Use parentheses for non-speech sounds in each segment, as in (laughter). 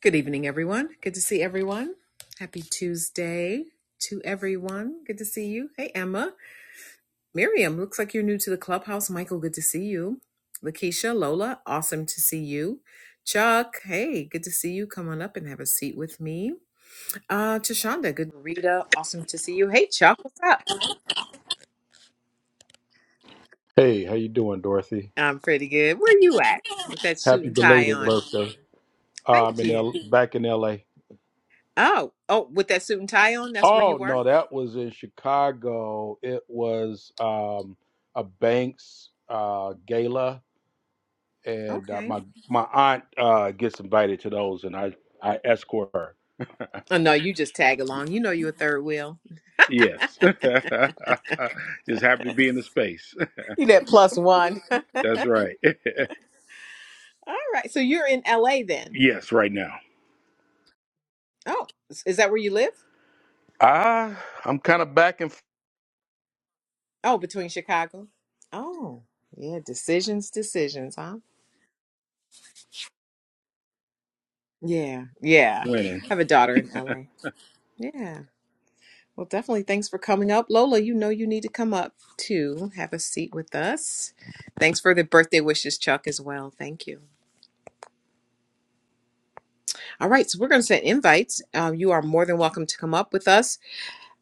Good evening, everyone. Good to see everyone. Happy Tuesday to everyone. Good to see you. Hey, Emma. Miriam, looks like you're new to the clubhouse. Michael, good to see you. Lakeisha, Lola, awesome to see you. Chuck, hey, good to see you. Come on up and have a seat with me. Uh, Tashonda, good. Rita, awesome to see you. Hey, Chuck, what's up? Hey, how you doing, Dorothy? I'm pretty good. Where you at with that suit Happy and tie belated on? birthday. Uh, I'm Thank in L- you. back in LA. Oh, oh, with that suit and tie on, that's where you Oh were? no, that was in Chicago. It was um, a Banks uh, gala, and uh, Okay. my my aunt uh, gets invited to those, and I I escort her. Oh, no, you just tag along. You know you're a third wheel. Yes, (laughs) just happy to be in the space. You that plus one. (laughs) (laughs) That's right. All right. So you're in LA (laughs) then. yes, right now. Oh, is is that where you live? Ah, I'm kind of back and f- Oh, between Chicago. Oh, yeah. Decisions, decisions, huh? Yeah. Yeah. winning. I have a daughter in LA. Yeah. Well, definitely thanks for coming up. Lola, you know you need to come up to have a seat with us. Thanks for the birthday wishes, Chuck, as well. Thank you. All right. So we're going to send invites. Um, you are more than welcome to come up with us.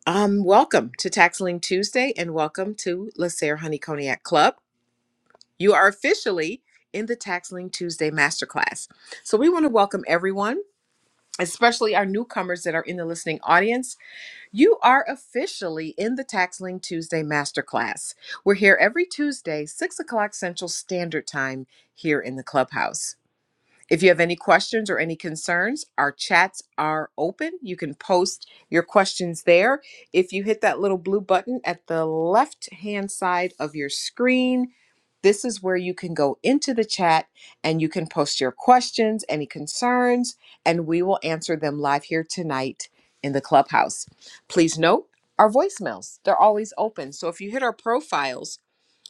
Um, welcome to Taxling Tuesday and welcome to LaSare Honey Cognac Club. You are officially in the Tax Link Tuesday Masterclass. So we want to welcome everyone, especially our newcomers that are in the listening audience. You are officially in the Tax Link Tuesday Masterclass. We're here every Tuesday, 6 o'clock Central Standard Time here in the clubhouse. If you have any questions or any concerns, our chats are open. You can post your questions there. If you hit that little blue button at the left hand side of your screen, this is where you can go into the chat and you can post your questions, any concerns, and we will answer them live here tonight in the clubhouse. Please note our voicemails, they're always open. So if you hit our profiles,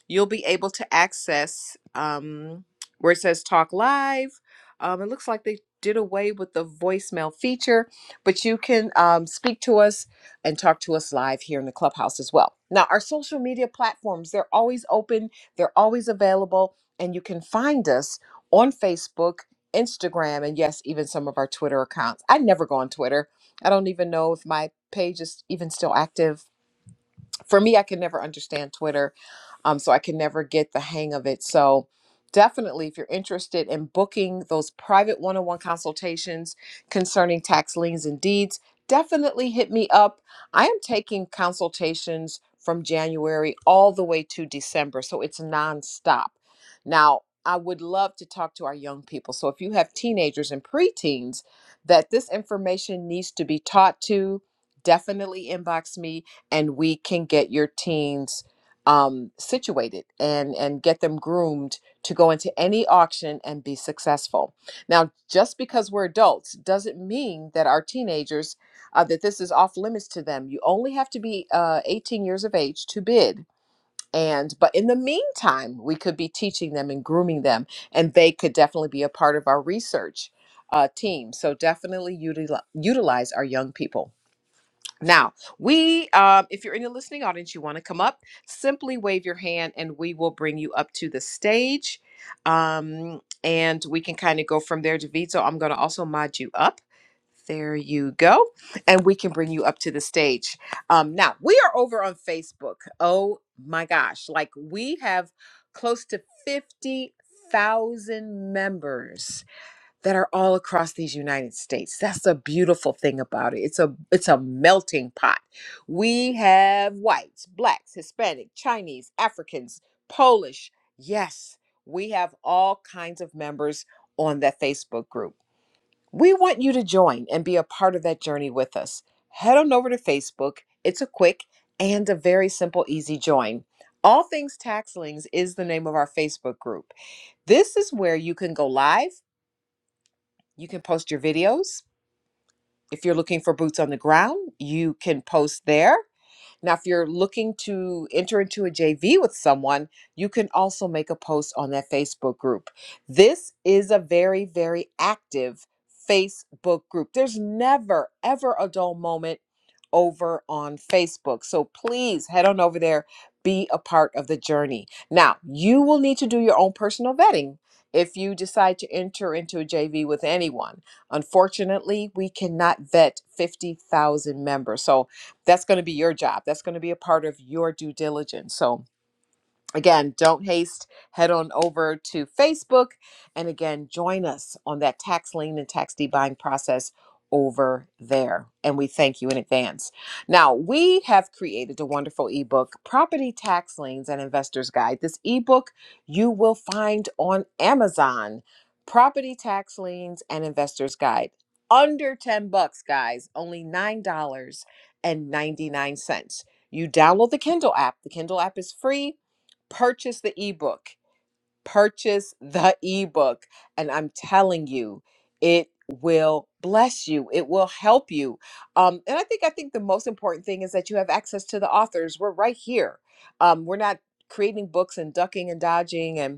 you'll be able to access um, where it says talk live. Um, it looks like they did away with the voicemail feature, but you can um, speak to us and talk to us live here in the clubhouse as well. Now, our social media platforms, they're always open, they're always available, and you can find us on Facebook, Instagram, and yes, even some of our Twitter accounts. I never go on Twitter. I don't even know if my page is even still active for me, I can never understand Twitter. Um, so I can never get the hang of it. So definitely, if you're interested in booking those private one on one consultations concerning tax liens and deeds, definitely hit me up. I am taking consultations from January all the way to December. So it's nonstop. Now, I would love to talk to our young people. So if you have teenagers and preteens that this information needs to be taught to, definitely inbox me and we can get your teens um, situated and and get them groomed to go into any auction and be successful. Now, just because we're adults doesn't mean that our teenagers uh, that this is off limits to them. You only have to be uh, 18 years of age to bid. And but in the meantime, we could be teaching them and grooming them, and they could definitely be a part of our research uh, team. So definitely utilize utilize our young people. Now, we, um, if you're in the listening audience, you want to come up, simply wave your hand and we will bring you up to the stage. Um, and we can kind of go from there, David. So I'm going to also mod you up. There you go. And we can bring you up to the stage. Um, now, we are over on Facebook. Oh my gosh. Like we have close to 50,000 members that are all across these United States. That's the beautiful thing about it. It's a it's a melting pot. We have whites, blacks, Hispanic, Chinese, Africans, Polish. Yes, we have all kinds of members on that Facebook group. We want you to join and be a part of that journey with us. Head on over to Facebook. It's a quick and a very simple easy join. All Things Taxlings is the name of our Facebook group. This is where you can go live you can post your videos. If you're looking for boots on the ground, you can post there. Now, if you're looking to enter into a JV with someone, you can also make a post on that Facebook group. This is a very, very active Facebook group. There's never, ever a dull moment over on Facebook. So please head on over there, be a part of the journey. Now, you will need to do your own personal vetting if you decide to enter into a JV with anyone. Unfortunately, we cannot vet 50,000 members. So that's going to be your job that's going to be a part of your due diligence so Again, don't haste, head on over to Facebook. And again, join us on that tax lien and tax deed buying process over there. And we thank you in advance. Now, we have created a wonderful ebook, Property Tax Liens and Investor's Guide. This ebook you will find on Amazon, Property Tax Liens and Investor's Guide. Under 10 bucks, guys, only $9.99. You download the Kindle app. The Kindle app is free purchase the ebook purchase the ebook and i'm telling you it will bless you it will help you um, and i think i think the most important thing is that you have access to the authors we're right here um, we're not creating books and ducking and dodging and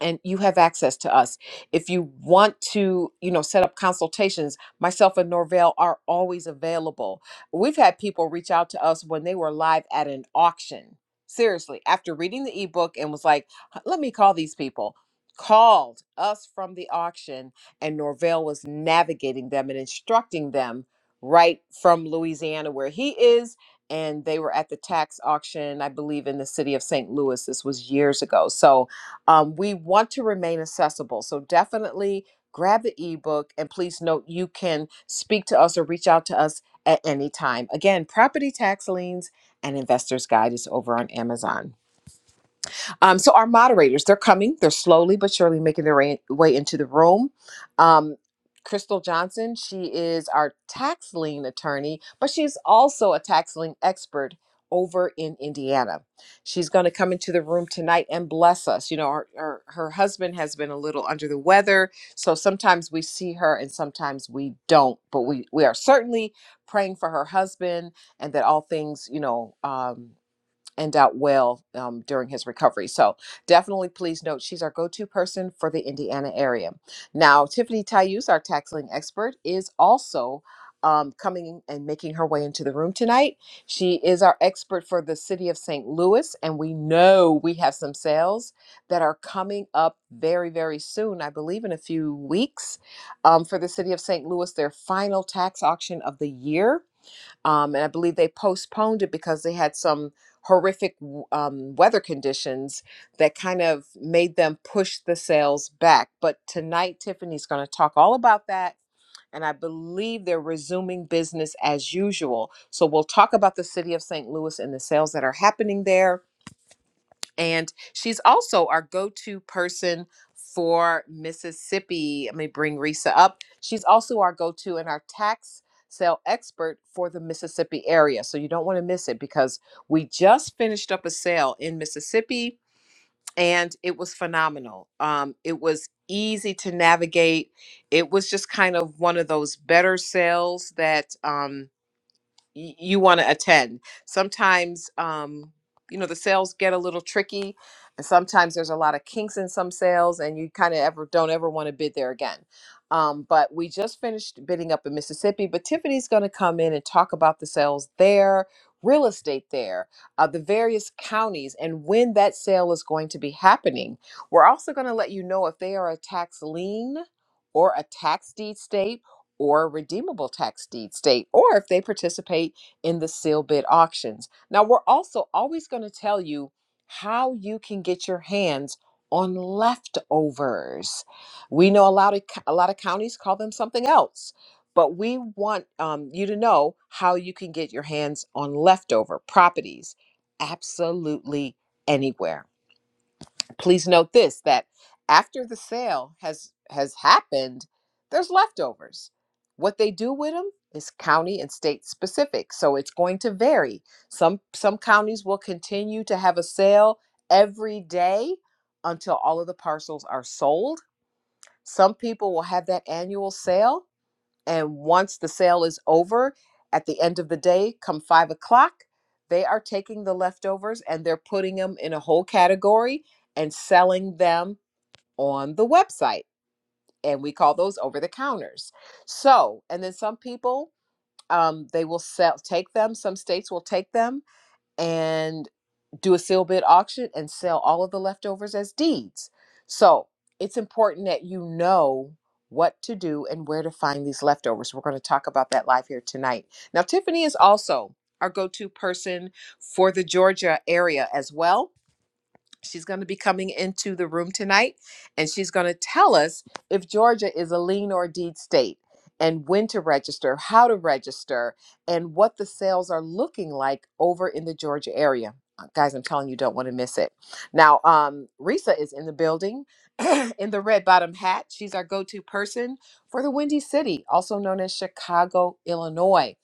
and you have access to us if you want to you know set up consultations myself and norvell are always available we've had people reach out to us when they were live at an auction seriously after reading the ebook and was like "Huh, let me call these people called us from the auction and norvell was navigating them and instructing them right from louisiana where he is and they were at the tax auction i believe in the city of st louis this was years ago so um, we want to remain accessible. So definitely grab the ebook and please note you can speak to us or reach out to us at any time. Again, Property Tax Liens and Investor's Guide is over on Amazon. Um, so our moderators, they're coming. They're slowly but surely making their way, way into the room. Um, Crystal Johnson, she is our tax lien attorney, but she's also a tax lien expert over in Indiana. She's going to come into the room tonight and bless us. You know, her, her, her husband has been a little under the weather, so sometimes we see her and sometimes we don't, but we, we are certainly praying for her husband and that all things, you know, um, and out well um, during his recovery. So definitely please note she's our go-to person for the Indiana area. Now, Tiffany Tayus, our tax lien expert, is also um, coming and making her way into the room tonight. She is our expert for the city of St. Louis, and we know we have some sales that are coming up very, very soon. I believe in a few weeks um, for the city of St. Louis, their final tax auction of the year um, and I believe they postponed it because they had some horrific w- um, weather conditions that kind of made them push the sales back. But tonight, Tiffany's going to talk all about that. And I believe they're resuming business as usual. So we'll talk about the city of St. Louis and the sales that are happening there and she's also our go to person for Mississippi. Let me bring Risa up. She's also our go to and our tax sale expert for the Mississippi area. So you don't want to miss it because we just finished up a sale in Mississippi and it was phenomenal. Um, it was easy to navigate. It was just kind of one of those better sales that. Um, y- you want to attend. Sometimes, um, you know, the sales get a little tricky, and sometimes there's a lot of kinks in some sales, and you kind of ever don't ever want to bid there again. Um, but we just finished bidding up in Mississippi, but Tiffany's going to come in and talk about the sales there, real estate there, uh, the various counties, and when that sale is going to be happening. We're also going to let you know if they are a tax lien or a tax deed state or redeemable tax deed state, or if they participate in the seal bid auctions. Now, we're also always going to tell you how you can get your hands on leftovers. We know a lot of a lot of counties call them something else, but we want um, you to know how you can get your hands on leftover properties absolutely anywhere Please note this that after the sale has has happened, there's leftovers. What they do with them is county and state specific, so it's going to vary. Some some counties will continue to have a sale every day until all of the parcels are sold. Some people will have that annual sale and once the sale is over, at the end of the day, come five o'clock, they are taking the leftovers and they're putting them in a whole category and selling them on the website. And we call those over the counters. So, and then some people, um, they will sell, take them. Some states will take them, and do a seal bid auction and sell all of the leftovers as deeds. So it's important that you know what to do and where to find these leftovers. We're going to talk about that live here tonight. Now, Tiffany is also our go to person for the Georgia area as well. She's going to be coming into the room tonight and she's going to tell us if Georgia is a lien or deed state and when to register, how to register, and what the sales are looking like over in the Georgia area. Uh, Guys, I'm telling you, don't want to miss it. Now, um, Risa is in the building (clears throat) in the red bottom hat. She's our go to person for the Windy City, also known as Chicago, Illinois.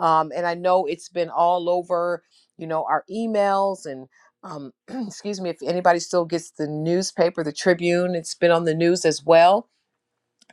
Um, and I know it's been all over, you know, our emails and um, (clears throat) excuse me, if anybody still gets the newspaper, the Tribune, it's been on the news as well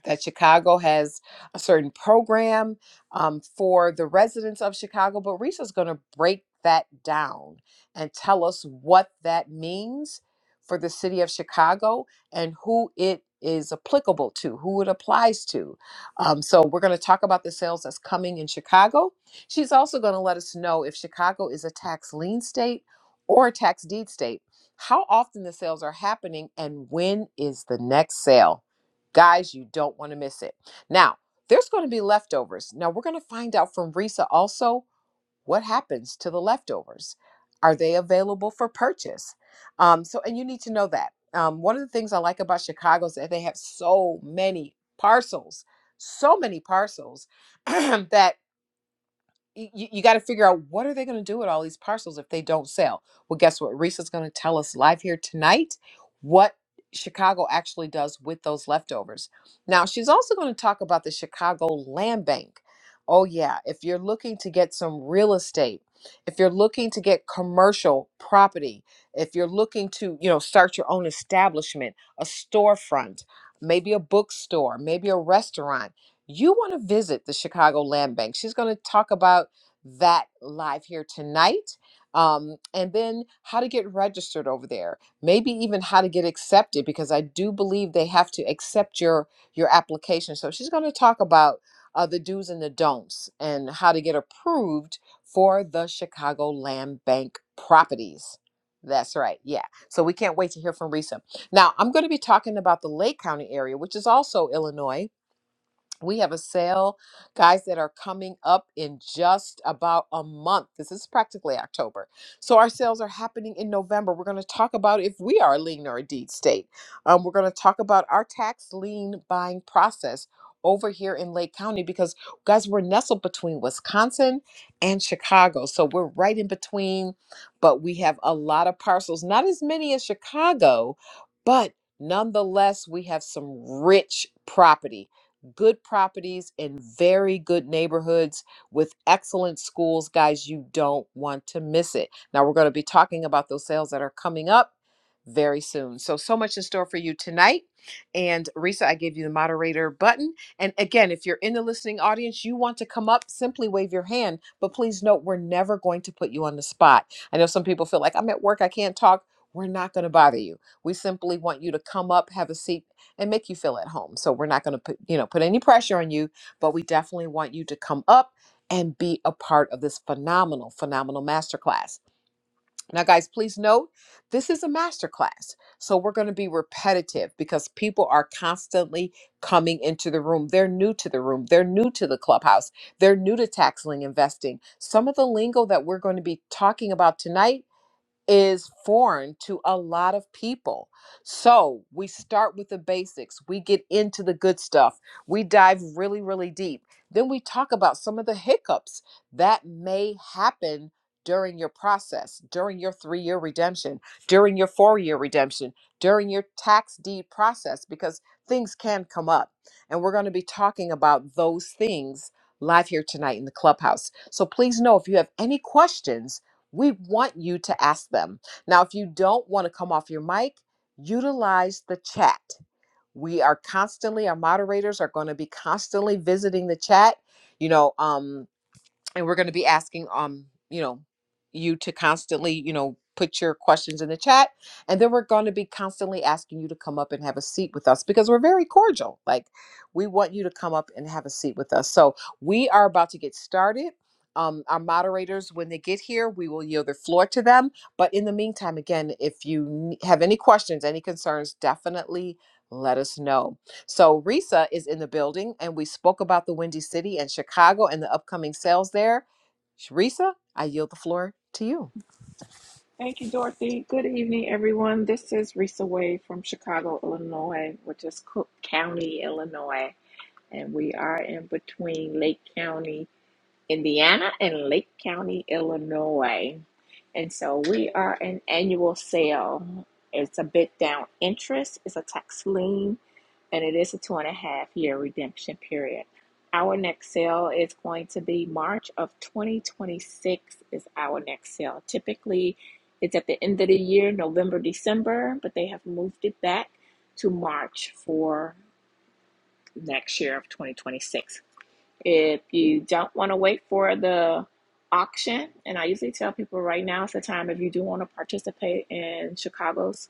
that Chicago has a certain program um, for the residents of Chicago, but Risa's going to break that down and tell us what that means for the city of Chicago and who it is applicable to, who it applies to. Um, so we're going to talk about the sales that's coming in Chicago. She's also going to let us know if Chicago is a tax lien state or a tax deed state, how often the sales are happening, and when is the next sale. Guys, you don't want to miss it. Now, there's going to be leftovers. Now, we're going to find out from Risa also what happens to the leftovers. Are they available for purchase? Um, so, and you need to know that. Um, one of the things I like about Chicago is that they have so many parcels, so many parcels (clears throat) that you, you got to figure out what are they going to do with all these parcels if they don't sell well guess what risa's going to tell us live here tonight what chicago actually does with those leftovers now she's also going to talk about the chicago land bank oh yeah if you're looking to get some real estate if you're looking to get commercial property if you're looking to you know start your own establishment a storefront maybe a bookstore maybe a restaurant you want to visit the Chicago Land Bank. She's going to talk about that live here tonight. Um, and then how to get registered over there maybe even how to get accepted because i do believe they have to accept your your application so she's going to talk about uh, the do's and the don'ts and how to get approved for the chicago land bank properties that's right yeah so we can't wait to hear from risa now i'm going to be talking about the lake county area which is also illinois we have a sale, guys, that are coming up in just about a month. This is practically October. So, our sales are happening in November. We're going to talk about if we are a lean or a deed state. Um, we're going to talk about our tax lien buying process over here in Lake County because, guys, we're nestled between Wisconsin and Chicago. So, we're right in between, but we have a lot of parcels, not as many as Chicago, but nonetheless, we have some rich property good properties in very good neighborhoods with excellent schools. Guys, you don't want to miss it. Now, we're going to be talking about those sales that are coming up very soon. So, so much in store for you tonight. And Risa, I gave you the moderator button. And again, if you're in the listening audience, you want to come up, simply wave your hand. But please note, we're never going to put you on the spot. I know some people feel like I'm at work, I can't talk. We're not going to bother you. We simply want you to come up, have a seat, and make you feel at home. So we're not going to put, you know, put any pressure on you, but we definitely want you to come up and be a part of this phenomenal, phenomenal masterclass. Now, guys, please note this is a masterclass. So we're going to be repetitive because people are constantly coming into the room. They're new to the room, they're new to the clubhouse, they're new to taxling investing. Some of the lingo that we're going to be talking about tonight is foreign to a lot of people. So we start with the basics, we get into the good stuff, we dive really, really deep. Then we talk about some of the hiccups that may happen during your process, during your three year redemption, during your four year redemption, during your tax deed process, because things can come up. And we're going to be talking about those things live here tonight in the clubhouse. So please know if you have any questions we want you to ask them. Now, if you don't want to come off your mic, utilize the chat. We are constantly, our moderators are going to be constantly visiting the chat. You know, um, and we're going to be asking um you know you to constantly you know put your questions in the chat and then we're going to be constantly asking you to come up and have a seat with us because we're very cordial like we want you to come up and have a seat with us so we are about to get started um, our moderators when they get here we will yield the floor to them but in the meantime again if you n- have any questions any concerns definitely let us know so Risa is in the building, and we spoke about the Windy City and Chicago and the upcoming sales there. Risa, I yield the floor to you. Thank you, Dorothy. Good evening, everyone. This is Risa Wade from Chicago, Illinois, which is Cook County, Illinois, and we are in between Lake County Indiana, and Lake County, Illinois. And so we are an annual sale. It's a bit down interest, it's a tax lien, and it is a two and a half year redemption period. Our next sale is going to be March of 2026 is our next sale. Typically, it's at the end of the year, November, December, but they have moved it back to March for next year of 2026. If you don't want to wait for the auction, and I usually tell people right now is the time if you do want to participate in Chicago's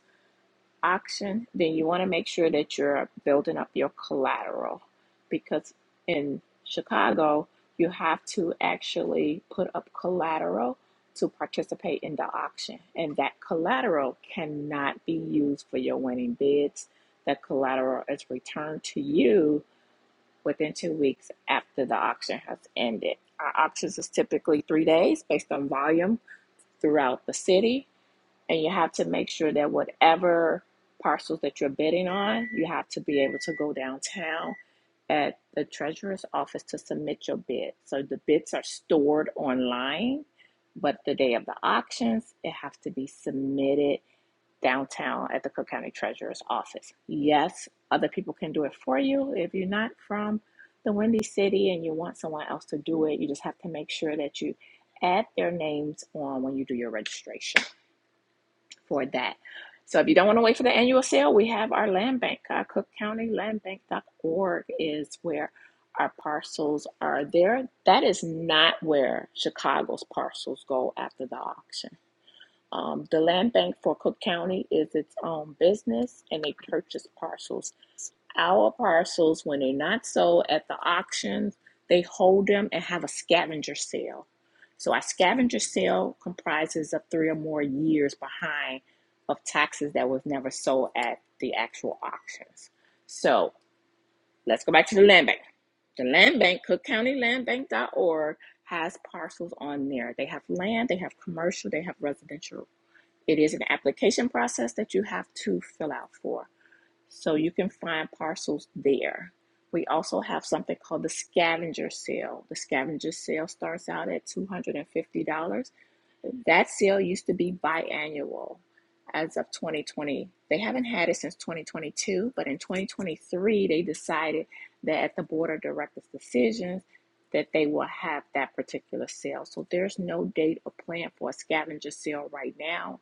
auction, then you want to make sure that you're building up your collateral because in Chicago, you have to actually put up collateral to participate in the auction, and that collateral cannot be used for your winning bids. That collateral is returned to you within two weeks after the auction has ended. Our auctions is typically three days based on volume throughout the city, and you have to make sure that whatever parcels that you're bidding on, you have to be able to go downtown at the treasurer's office to submit your bid. So the bids are stored online, but the day of the auctions, it has to be submitted downtown at the Cook County Treasurer's office. Yes, other people can do it for you. If you're not from the Windy City and you want someone else to do it, you just have to make sure that you add their names on when you do your registration for that. So if you don't want to wait for the annual sale, we have our land bank. Uh, Cook County Land Bank.org is where our parcels are there. That is not where Chicago's parcels go after the auction. Um, the land bank for Cook County is its own business and they purchase parcels. Our parcels, when they're not sold at the auctions, they hold them and have a scavenger sale. So our scavenger sale comprises of three or more years behind of taxes that was never sold at the actual auctions. So let's go back to the land bank. The land bank, Cook County Land Bank dot .org, has parcels on there. They have land, they have commercial, they have residential it is an application process that you have to fill out for. So you can find parcels there. We also have something called the scavenger sale. The scavenger sale starts out at $250. That sale used to be biannual as of 2020. They haven't had it since 2022, but in 2023, they decided that at the board of directors' decisions, that they will have that particular sale. So there's no date or plan for a scavenger sale right now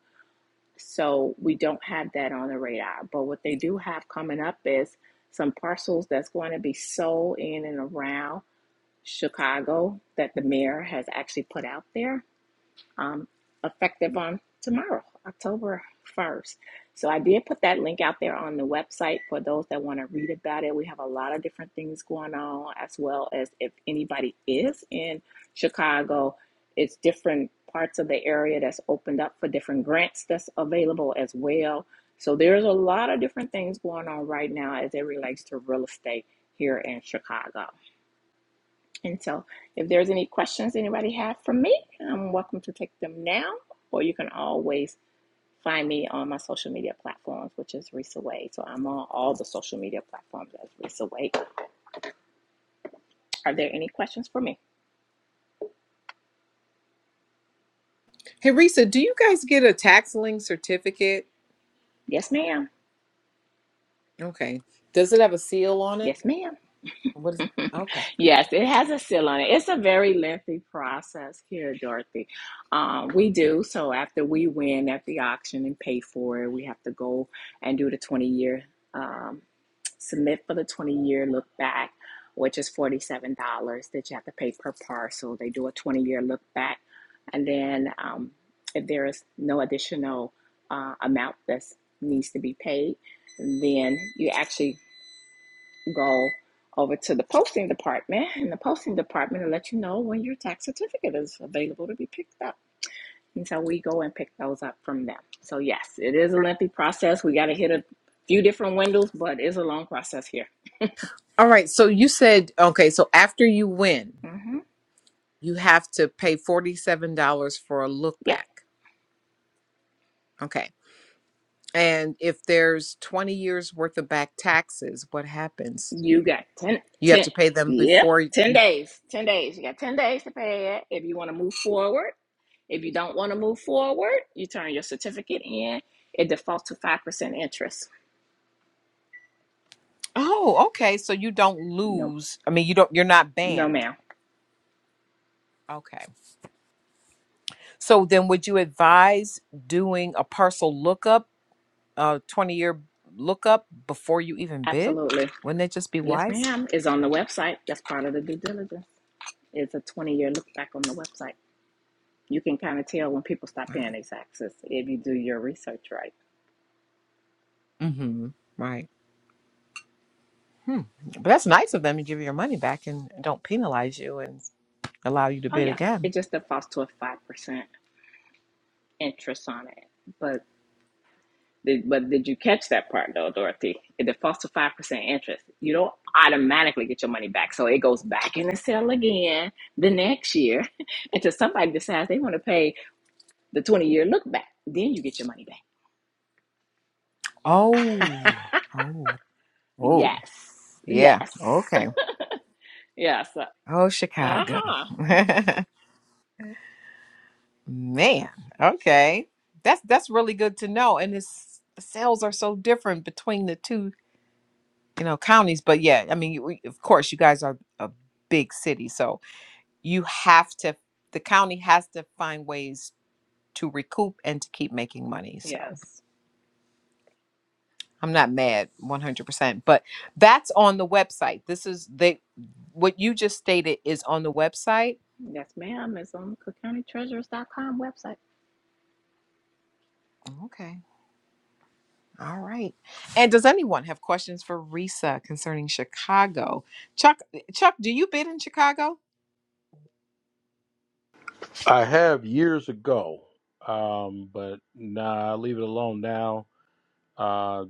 so we don't have that on the radar. But what they do have coming up is some parcels that's going to be sold in and around Chicago that the mayor has actually put out there um, effective on tomorrow, October 1st. So I did put that link out there on the website for those that want to read about it. We have a lot of different things going on, as well as if anybody is in Chicago, it's different parts of the area that's opened up for different grants that's available as well. So there's a lot of different things going on right now as it relates to real estate here in Chicago. And so, if there's any questions anybody have for me, I'm welcome to take them now, or you can always find me on my social media platforms, which is Risa Wade. So I'm on all the social media platforms as Risa Wade. Are there any questions for me? Hey, Risa, do you guys get a tax lien certificate? Yes, ma'am. Okay. Does it have a seal on it? Yes, ma'am. What is (laughs) okay. Yes, it has a seal on it. It's a very lengthy process here, Dorothy. Um, we do. So after we win at the auction and pay for it, we have to go and do the 20 year, um, submit for the 20 year look back, which is $47 that you have to pay per parcel. They do a 20 year look back. And then um, if there is no additional uh, amount that needs to be paid, then you actually go over to the posting department in the posting department and let you know when your tax certificate is available to be picked up. And so we go and pick those up from them. So yes, it is a lengthy process. We got to hit a few different windows, but it's a long process here. All right. So you said, okay, so after you win, hmm you have to pay $47 for a look Yep, back. Okay. And if there's 20 years worth of back taxes, what happens? you got 10, You have 10. to pay them yep, before 10 days, 10 days. You got 10 days to pay it. If you want to move forward, if you don't want to move forward, you turn your certificate in. It defaults to 5% interest. Oh, okay. So you don't No, lose. I mean, you don't. You're not no banned. ma'am. Okay. So then, would you advise doing a parcel lookup, a twenty-year lookup, before you even bid? Absolutely. Wouldn't it just be Yes, wise? ma'am. It's on the website. That's part of the due diligence. It's a 20 year look back on the website. You can kind of tell when people stop Wow. paying their taxes if you do your research right. Mm-hmm. Right. Hmm. But that's nice of them to give you your money back and don't penalize you and allow you to Oh, bid yeah. again. It just defaults to a 5% interest on it. But did, but did you catch that part, though, Dorothy? It defaults to 5% interest. You don't automatically get your money back. So it goes back in the sale again the next year (laughs) until somebody decides they want to pay the 20 year look back. Then you get your money back. (laughs) Oh. Oh. Oh. Yes. Yeah. Yes. Okay. Yes. Uh Oh, Chicago. huh. (laughs) Man, okay. That's that's really good to know. And it's the sales are so different between the two, you know, counties. But yeah, I mean, you- we, of course, you guys are a big city, so you have to. The county has to find ways to recoup and to keep making money. So Yes. I'm not mad 100%. But that's on the website. This is they. What you just stated is on the website. Yes, ma'am. It's on cook county treasurers dot com website. All right. And does anyone have questions for Risa concerning Chicago? Chuck, eh, Chuck, do you bid in Chicago? I have years ago, um, but nah, I leave it alone now. Uh,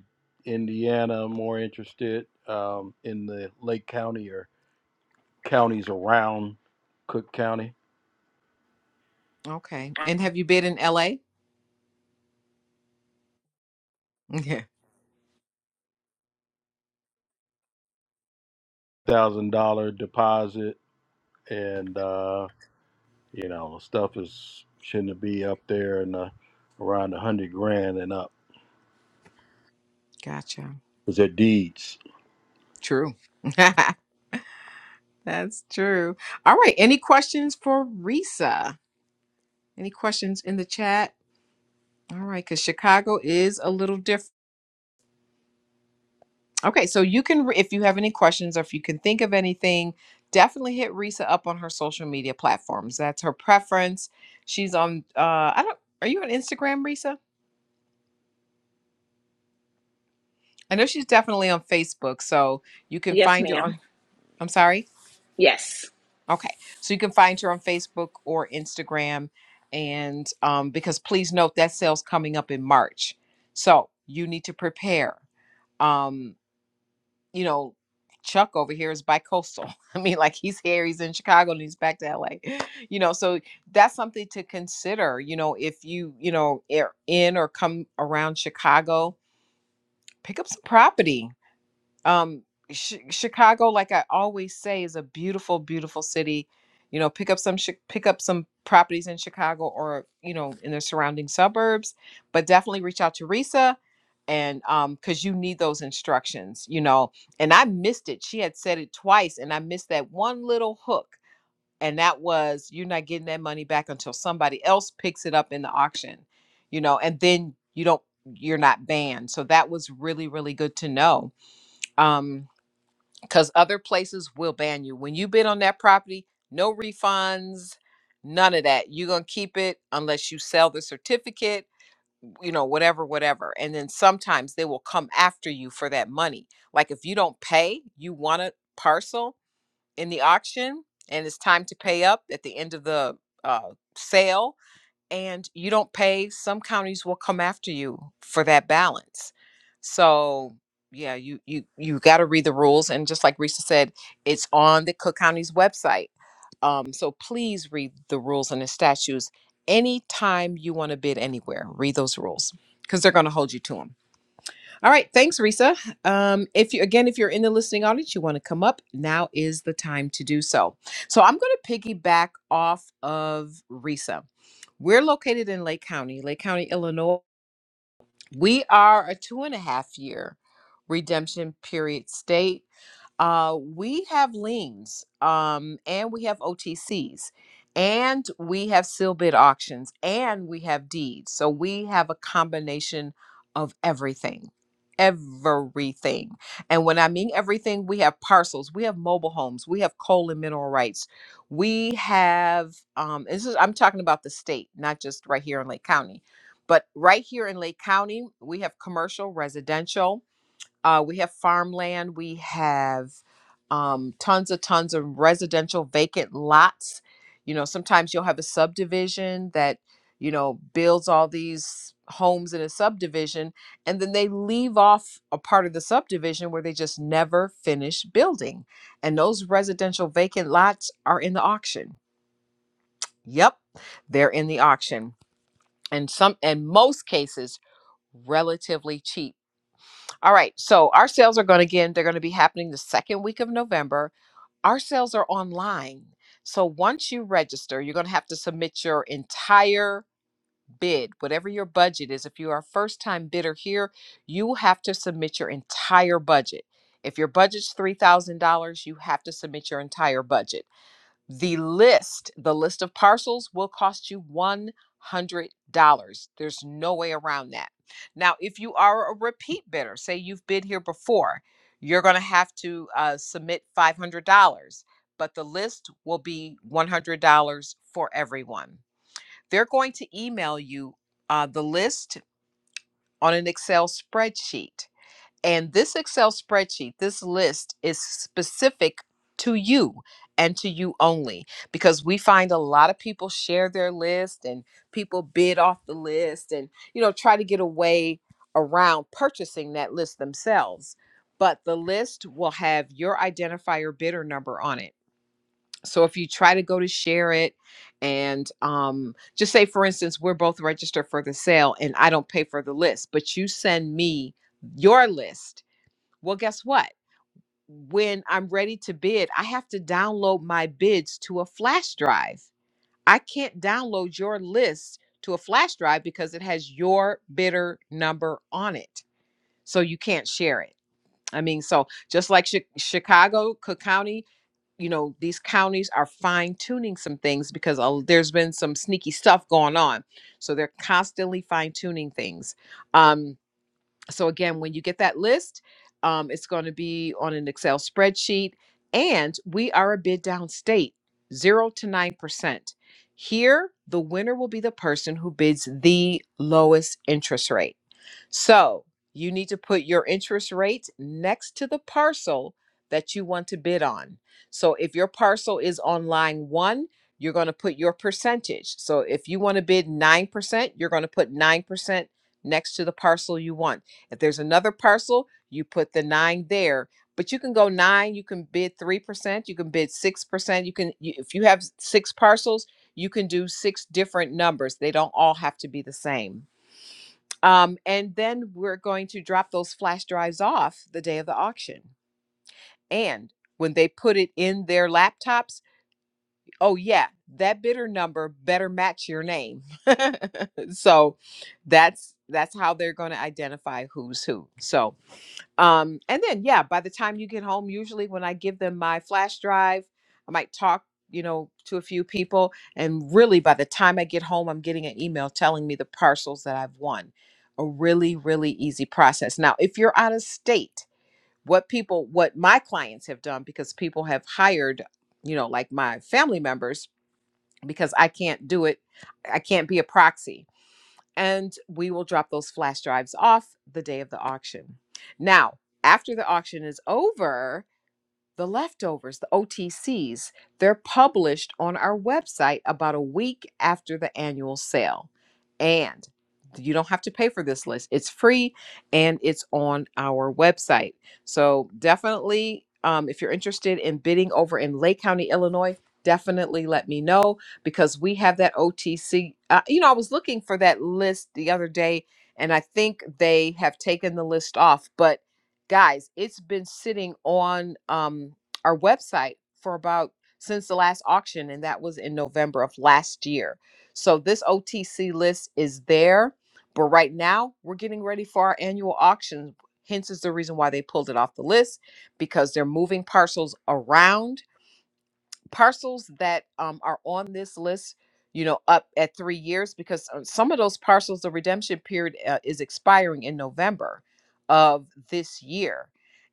Indiana, I'm more interested um, in the Lake County or counties around Cook County. Okay. And have you bid in LA? Yeah. Thousand dollar deposit, and uh, you know stuff is shouldn't be up there and uh, around a hundred grand and up. Gotcha. Is it deeds? True. (laughs) That's true. All right. Any questions for Risa? Any questions in the chat? All right, because Chicago is a little different. Okay, so you can, re- if you have any questions or if you can think of anything, definitely hit Risa up on her social media platforms. That's her preference. She's on, uh, I don't, are you on Instagram, Risa? I know she's definitely on Facebook. So you can Yes, find her ma'am. on, I'm sorry. Yes. Okay, so you can find her on Facebook or Instagram. And um, because please note that sale's coming up in March. So you need to prepare. Um, you know, Chuck over here is bicoastal. (laughs) I mean, like he's here, he's in Chicago, and he's back to LA. You know, so that's something to consider. You know, if you you know are in or come around Chicago, pick up some property um Ch- chicago like i always say is a beautiful beautiful city you know pick up some chi- pick up some properties in chicago or you know in the surrounding suburbs but definitely reach out to risa and um because you need those instructions you know and i missed it she had said it twice and i missed that one little hook and that was you're not getting that money back until somebody else picks it up in the auction you know and then you don't you're not banned so that was really really good to know um because other places will ban you. When you bid on that property, no refunds, none of that. You're going to keep it unless you sell the certificate, you know, whatever, whatever. And then sometimes they will come after you for that money. Like if you don't pay, you want a parcel in the auction and it's time to pay up at the end of the uh, sale, and you don't pay, some counties will come after you for that balance. So yeah, you you you got to read the rules, and just like Risa said, it's on the Cook County's website. Um, so please read the rules and the statutes anytime you want to bid anywhere. Read those rules because they're going to hold you to them. All right, thanks, Risa. Um, if you again, if you're in the listening audience, you want to come up. Now is the time to do so. So I'm going to piggyback off of Risa. We're located in Lake County, Lake County, Illinois. We are a two and a half year redemption period state. Uh, we have liens, um, and we have OTCs, and we have seal bid auctions, and we have deeds. So we have a combination of everything. Everything. And when I mean everything, we have parcels, we have mobile homes, we have coal and mineral rights, we have, um, this is, I'm talking about the state, not just right here in Lake County. But right here in Lake County, we have commercial, residential, uh, we have farmland. We have um, tons of tons of residential vacant lots. You know, sometimes you'll have a subdivision that you know builds all these homes in a subdivision, and then they leave off a part of the subdivision where they just never finish building. And those residential vacant lots are in the auction. Yep, they're in the auction, and some, in most cases, relatively cheap all right. So our sales are going to again, they're going to be happening the second week of November. Our sales are online. So once you register, you're going to have to submit your entire bid, whatever your budget is. If you are a first time bidder here, you have to submit your entire budget. If your budget's $3,000, you have to submit your entire budget. The list, the list of parcels will cost you $100. There's no way around that. Now, if you are a repeat bidder, say you've bid here before, you're going to have to uh, submit $500, but the list will be $100 for everyone. They're going to email you uh, the list on an Excel spreadsheet. And this Excel spreadsheet, this list is specific to you and to you only because we find a lot of people share their list and people bid off the list and you know try to get away around purchasing that list themselves. But the list will have your identifier bidder number on it. So if you try to go to share it and um, just say, for instance, we're both registered for the sale and I don't pay for the list, but you send me your list well, guess what? When I'm ready to bid, I have to download my bids to a flash drive. I can't download your list to a flash drive because it has your bidder number on it. So you can't share it. I mean, so just like Chi- Chicago, Cook County, you know, these counties are fine tuning some things because uh, there's been some sneaky stuff going on. So they're constantly fine tuning things. Um, so again, when you get that list, um, it's going to be on an Excel spreadsheet, and we are a bid down state, zero to nine percent. Here, the winner will be the person who bids the lowest interest rate. So you need to put your interest rate next to the parcel that you want to bid on. So if your parcel is on line one, you're going to put your percentage. So if you want to bid 9%, you're going to put 9% next to the parcel you want. If there's another parcel, you put the nine there. But you can go nine, you can bid 3%, you can bid 6%. You can, you- if you have six parcels, you can do six different numbers. They don't all have to be the same. Um, and then we're going to drop those flash drives off the day of the auction. And when they put it in their laptops, oh, yeah, that bidder number better match your name. (laughs) so that's that's how they're going to identify who's who. So um, and then, yeah, by the time you get home, usually when I give them my flash drive, I might talk, you know, to a few people. And really, by the time I get home, I'm getting an email telling me the parcels that I've won. A really, really easy process. Now, if you're out of state, what people, what my clients have done, because people have hired, you know, like my family members, because I can't do it, I can't be a proxy and we will drop those flash drives off the day of the auction. Now, after the auction is over, the leftovers, the OTCs, they're published on our website about a week after the annual sale. And you don't have to pay for this list. It's free and it's on our website. So definitely, um, if you're interested in bidding over in Lake County, Illinois, definitely let me know because we have that OTC. Uh, you know, I was looking for that list the other day and I think they have taken the list off, but guys it's been sitting on um our website for about since the last auction and that was in november of last year so this otc list is there but right now we're getting ready for our annual auction hence is the reason why they pulled it off the list because they're moving parcels around parcels that um, are on this list, you know, up at three years, because uh, some of those parcels, the redemption period uh, is expiring in November of this year.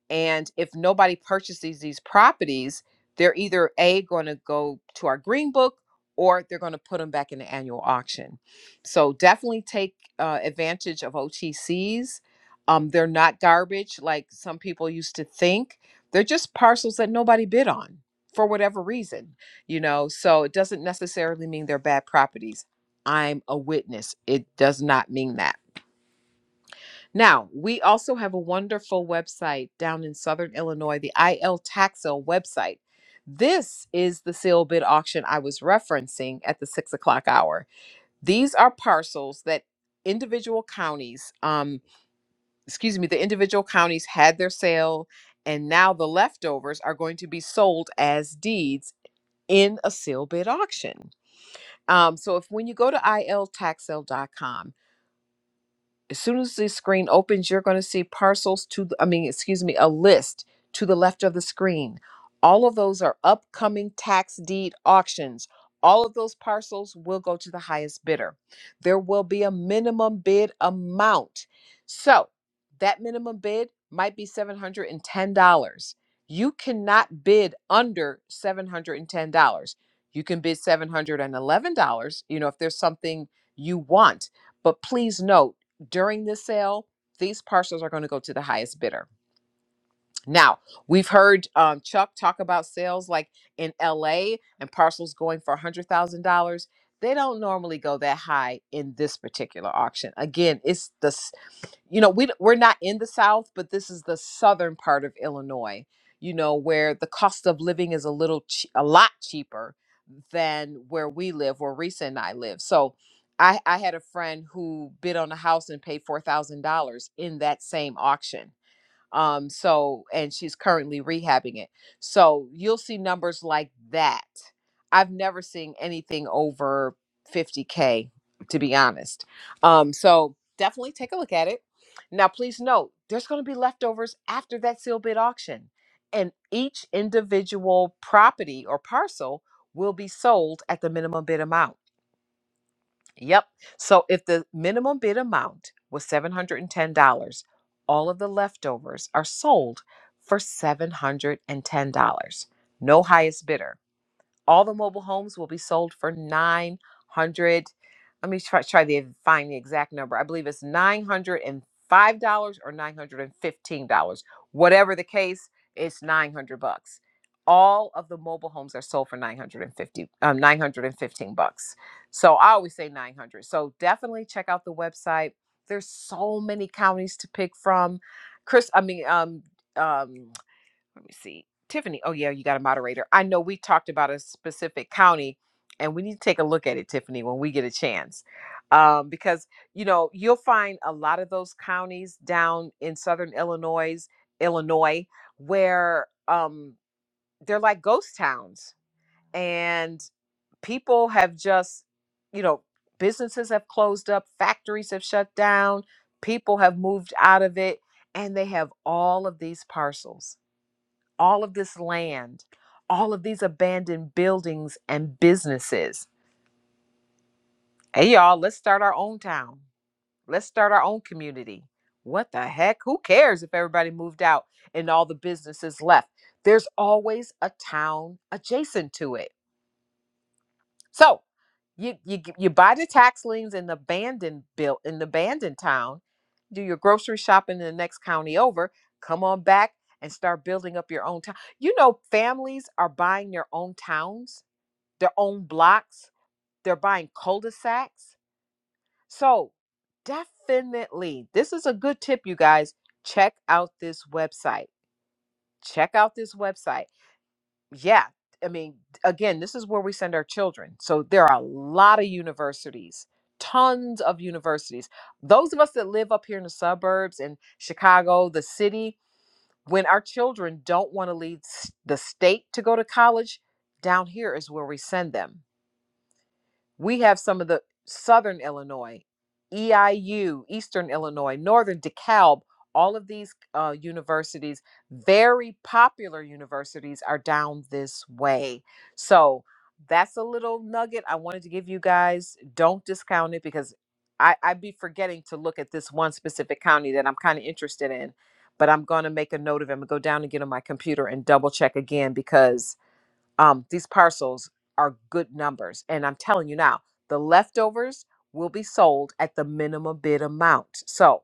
And if nobody purchases these properties, they're either A, going to go to our green book or they're going to put them back in the annual auction. So definitely take uh, advantage of OTCs. Um, they're not garbage like some people used to think. They're just parcels that nobody bid on for whatever reason, you know. So it doesn't necessarily mean they're bad properties. I'm a witness. It does not mean that. Now, we also have a wonderful website down in Southern Illinois, the IL Taxel website. This is the sale bid auction I was referencing at the six o'clock hour. These are parcels that individual counties, um, excuse me, the individual counties had their sale, and now the leftovers are going to be sold as deeds in a sealed bid auction. Um, so if when you go to I L tax sale dot com. As soon as the screen opens, you're going to see parcels to, the- I mean, excuse me, a list to the left of the screen. All of those are upcoming tax deed auctions. All of those parcels will go to the highest bidder. There will be a minimum bid amount. So that minimum bid might be $710. You cannot bid under $710. You can bid $711, you know, if there's something you want. But please note, during this sale, these parcels are going to go to the highest bidder. Now, we've heard um, Chuck talk about sales like in LA and parcels going for $100,000. They don't normally go that high in this particular auction. Again, it's the you know we we're not in the south but this is the southern part of illinois you know where the cost of living is a little ch- a lot cheaper than where we live where Risa and I live so I I had a friend who bid on a house and paid $4,000 in that same auction um, so, and she's currently rehabbing it. So you'll see numbers like that. I've never seen anything over 50K, to be honest. Um, so definitely take a look at it. Now, please note there's going to be leftovers after that sealed bid auction, and each individual property or parcel will be sold at the minimum bid amount. Yep. So if the minimum bid amount was $710, all of the leftovers are sold for $710. No highest bidder. All the mobile homes will be sold for 900 let me try, try to find the exact number. I believe it's nine hundred and five dollars or nine hundred and fifteen dollars. Whatever the case, it's nine hundred bucks. All of the mobile homes are sold for 950, um, 915 bucks. So I always say 900. So definitely check out the website. There's so many counties to pick from. Chris, I mean, um, um, let me see. Tiffany, oh yeah, you got a moderator. I know we talked about a specific county and we need to take a look at it, Tiffany, when we get a chance. Um, because you know, you'll find a lot of those counties down in southern Illinois, Illinois, where um they're like ghost towns and people have just, you know, businesses have closed up, factories have shut down, people have moved out of it, and they have all of these parcels all of this land, all of these abandoned buildings and businesses. Hey, y'all, let's start our own town. Let's start our own community. What the heck? Who cares if everybody moved out and all the businesses left? There's always a town adjacent to it. So you you g- you buy the tax liens in the abandoned bill in the abandoned town, do your grocery shopping in the next county over, come on back and start building up your own town. You know, families are buying their own towns, their own blocks, they're buying cul-de-sacs. So definitely, this is a good tip, you guys. Check out this website. Check out this website yeah i mean again this is where we send our children so there are a lot of universities tons of universities those of us that live up here in the suburbs in chicago the city when our children don't want to leave s- the state to go to college down here is where we send them we have some of the Southern Illinois, EIU, Eastern Illinois, Northern DeKalb, all of these uh, universities, very popular universities, are down this way. So that's a little nugget I wanted to give you guys. Don't discount it because I, I'd be forgetting to look at this one specific county that I'm kind of interested in. But I'm going to make a note of it. and go down and get on my computer and double check again because um, these parcels are good numbers. And I'm telling you now, the leftovers will be sold at the minimum bid amount. So,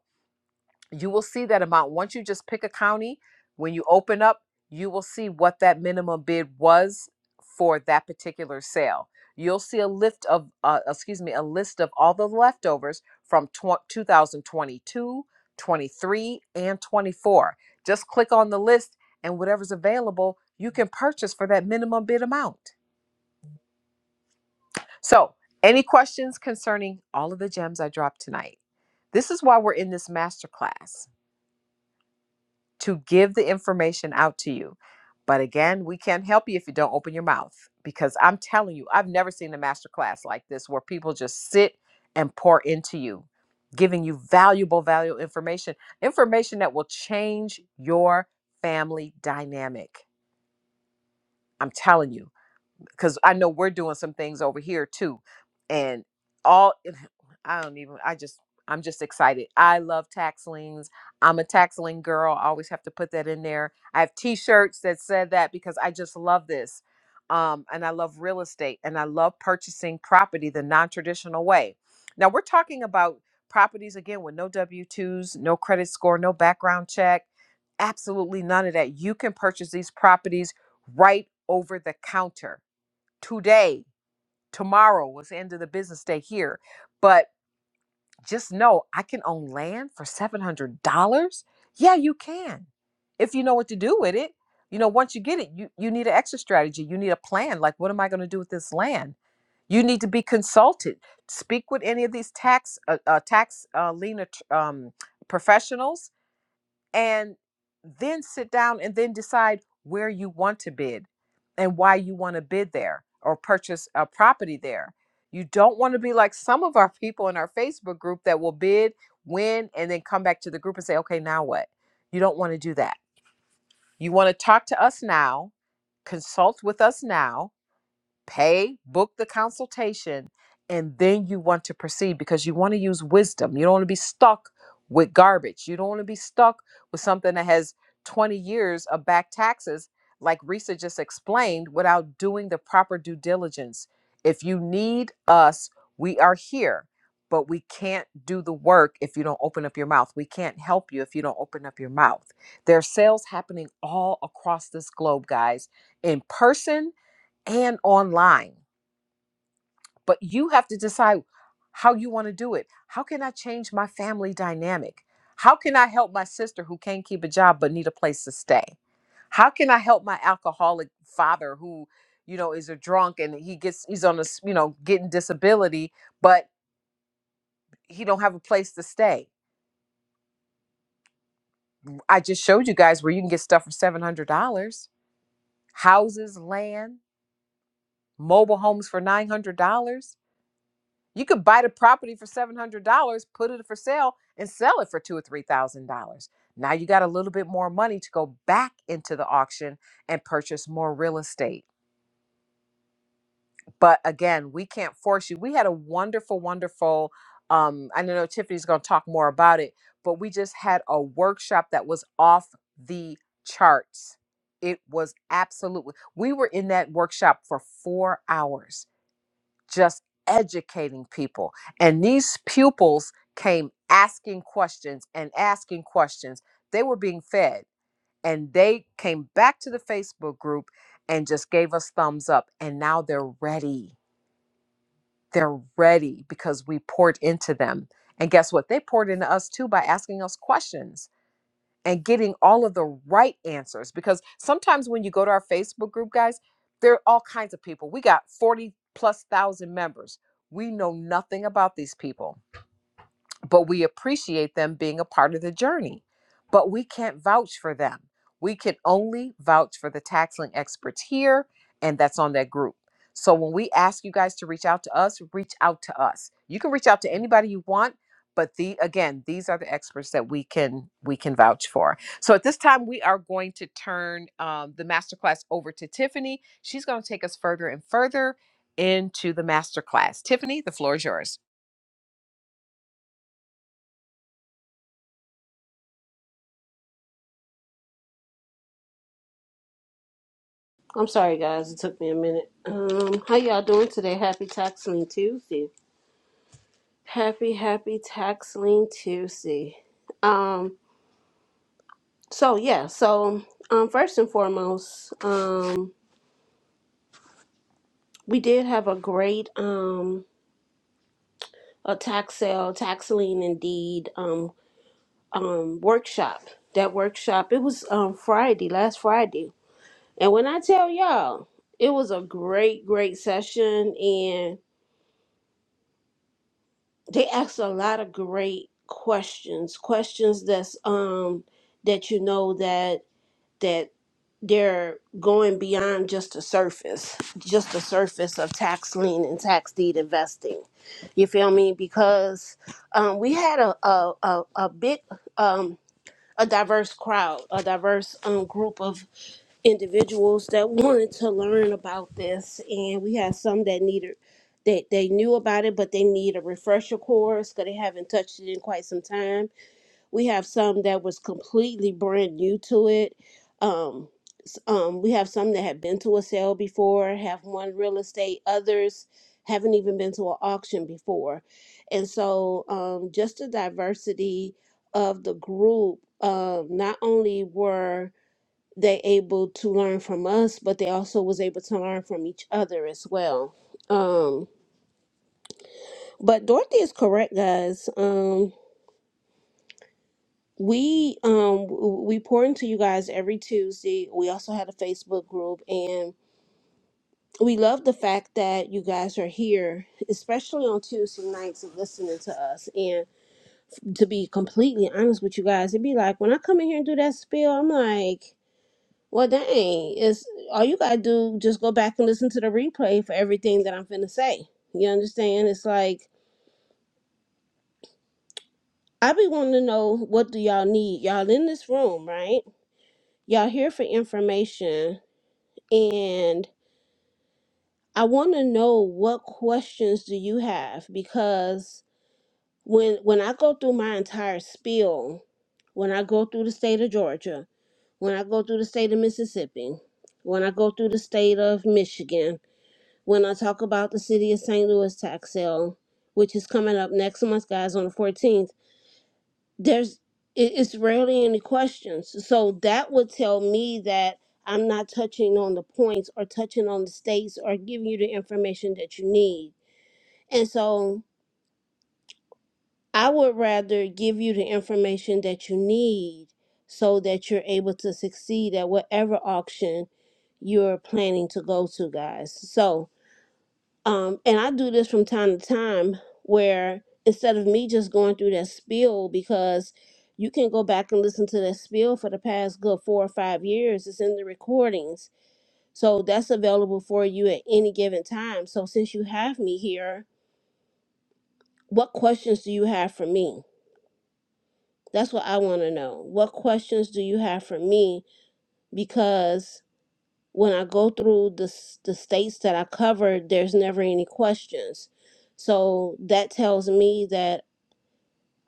you will see that amount. Once you just pick a county, when you open up, you will see what that minimum bid was for that particular sale. You'll see a lift of, uh, excuse me, a list of all the leftovers from tw- 2022, 23, and 24. Just click on the list, and whatever's available, you can purchase for that minimum bid amount. So, any questions concerning all of the gems I dropped tonight? This is why we're in this masterclass. to give the information out to you. But again, we can't help you if you don't open your mouth because I'm telling you, I've never seen a master class like this where people just sit and pour into you, giving you valuable, valuable information, information that will change your family dynamic. I'm telling you because I know we're doing some things over here too. And all (laughs) I don't even I just I'm just excited. I love tax liens. I'm a tax lien girl. I always have to put that in there. I have t-shirts that said that because I just love this. Um, and I love real estate and I love purchasing property the non-traditional way. Now we're talking about properties again with no W-2s, no credit score, no background check, absolutely none of that. You can purchase these properties right over the counter today, tomorrow was the end of the business day here. But just know I can own land for $700. Yeah, you can. If you know what to do with it. You know, once you get it, you, you need an exit strategy. You need a plan. Like, what am I going to do with this land? You need to be consulted. Speak with any of these tax uh, uh, tax uh, lien um, professionals and then sit down and then decide where you want to bid and why you want to bid there or purchase a property there. You don't want to be like some of our people in our Facebook group that will bid, win, and then come back to the group and say, okay, now what? You don't want to do that. You want to talk to us now, consult with us now, pay, book the consultation, and then you want to proceed because you want to use wisdom. You don't want to be stuck with garbage. You don't want to be stuck with something that has 20 years of back taxes, like Risa just explained, without doing the proper due diligence. If you need us, we are here, but we can't do the work if you don't open up your mouth. We can't help you if you don't open up your mouth. There are sales happening all across this globe, guys, in person and online. But you have to decide how you want to do it. How can I change my family dynamic? How can I help my sister who can't keep a job but need a place to stay? How can I help my alcoholic father who, you know, is a drunk and he gets he's on a, s- you know, getting disability, but he don't have a place to stay. I just showed you guys where you can get stuff for $700, houses, land, mobile homes for $900. You could buy the property for seven hundred dollars, put it for sale, and sell it for two or three thousand dollars. Now you got a little bit more money to go back into the auction and purchase more real estate. But again, we can't force you. We had a wonderful, wonderful. Um, I know Tiffany's going to talk more about it, but we just had a workshop that was off the charts. It was absolutely. We were in that workshop for four hours just educating people. And these pupils came asking questions and asking questions. They were being fed, and they came back to the Facebook group and just gave us thumbs up. And now they're ready. They're ready because we poured into them. And guess what? They poured into us too by asking us questions and getting all of the right answers because sometimes when you go to our Facebook group, guys, there are all kinds of people. We got 40 plus thousand members. We know nothing about these people but we appreciate them being a part of the journey. But we can't vouch for them. We can only vouch for the taxling experts here, and that's on that group. So when we ask you guys to reach out to us, reach out to us. You can reach out to anybody you want, but the again, these are the experts that we can we can vouch for. So at this time, we are going to turn um, the masterclass over to Tiffany. She's going to take us further and further into the masterclass. Tiffany, the floor is yours. I'm sorry, guys. It took me a minute. Um, how y'all doing today? Happy Tax Lien Tuesday. Happy, happy Tax Lien Tuesday. Um, so yeah, so um, first and foremost, um, we did have a great um, a tax sale, tax lien indeed um, um, workshop. That workshop it was um, Friday, last Friday, and when I tell y'all, it was a great, great session and. they ask a lot of great questions questions that's um that you know that that they're going beyond just the surface just the surface of tax lien and tax deed investing you feel me because um we had a a a, a big um a diverse crowd a diverse um group of individuals that wanted to learn about this and we had some that needed that they knew about it but they need a refresher course because they haven't touched it in quite some time we have some that was completely brand new to it um, s- um, we have some that have been to a sale before have won real estate others haven't even been to an auction before and so um, just the diversity of the group um, not only were they able to learn from us, but they also was able to learn from each other as well. Um, but Dorothy is correct, guys. Um, we um w- we pour into you guys every Tuesday. We also had a Facebook group, and we love the fact that you guys are here, especially on Tuesday nights, and listening to us. And to be completely honest with you guys, it'd be like when I come in here and do that spiel, I'm like. Well, dang, it's all you gotta do. Just go back and listen to the replay for everything that I'm finna say. You understand? It's like I be wanting to know what do y'all need. Y'all in this room, right? Y'all here for information, and I want to know what questions do you have because when when I go through my entire spiel, when I go through the state of Georgia, when I go through the state of Mississippi, when I go through the state of Michigan, when I talk about the city of St. Louis tax sale, which is coming up next month, guys, on the 14th, there's it, it's rarely any questions. So that would tell me that I'm not touching on the points or touching on the states or giving you the information that you need. And so I would rather give you the information that you need so that you're able to succeed at whatever auction you're planning to go to, guys. So, Um, and I do this from time to time where instead of me just going through that spiel, because you can go back and listen to that spiel for the past good four or five years, it's in the recordings. So that's available for you at any given time. So since you have me here, what questions do you have for me? That's what I want to know. What questions do you have for me? Because when I go through the, s- the states that I covered, there's never any questions. So that tells me that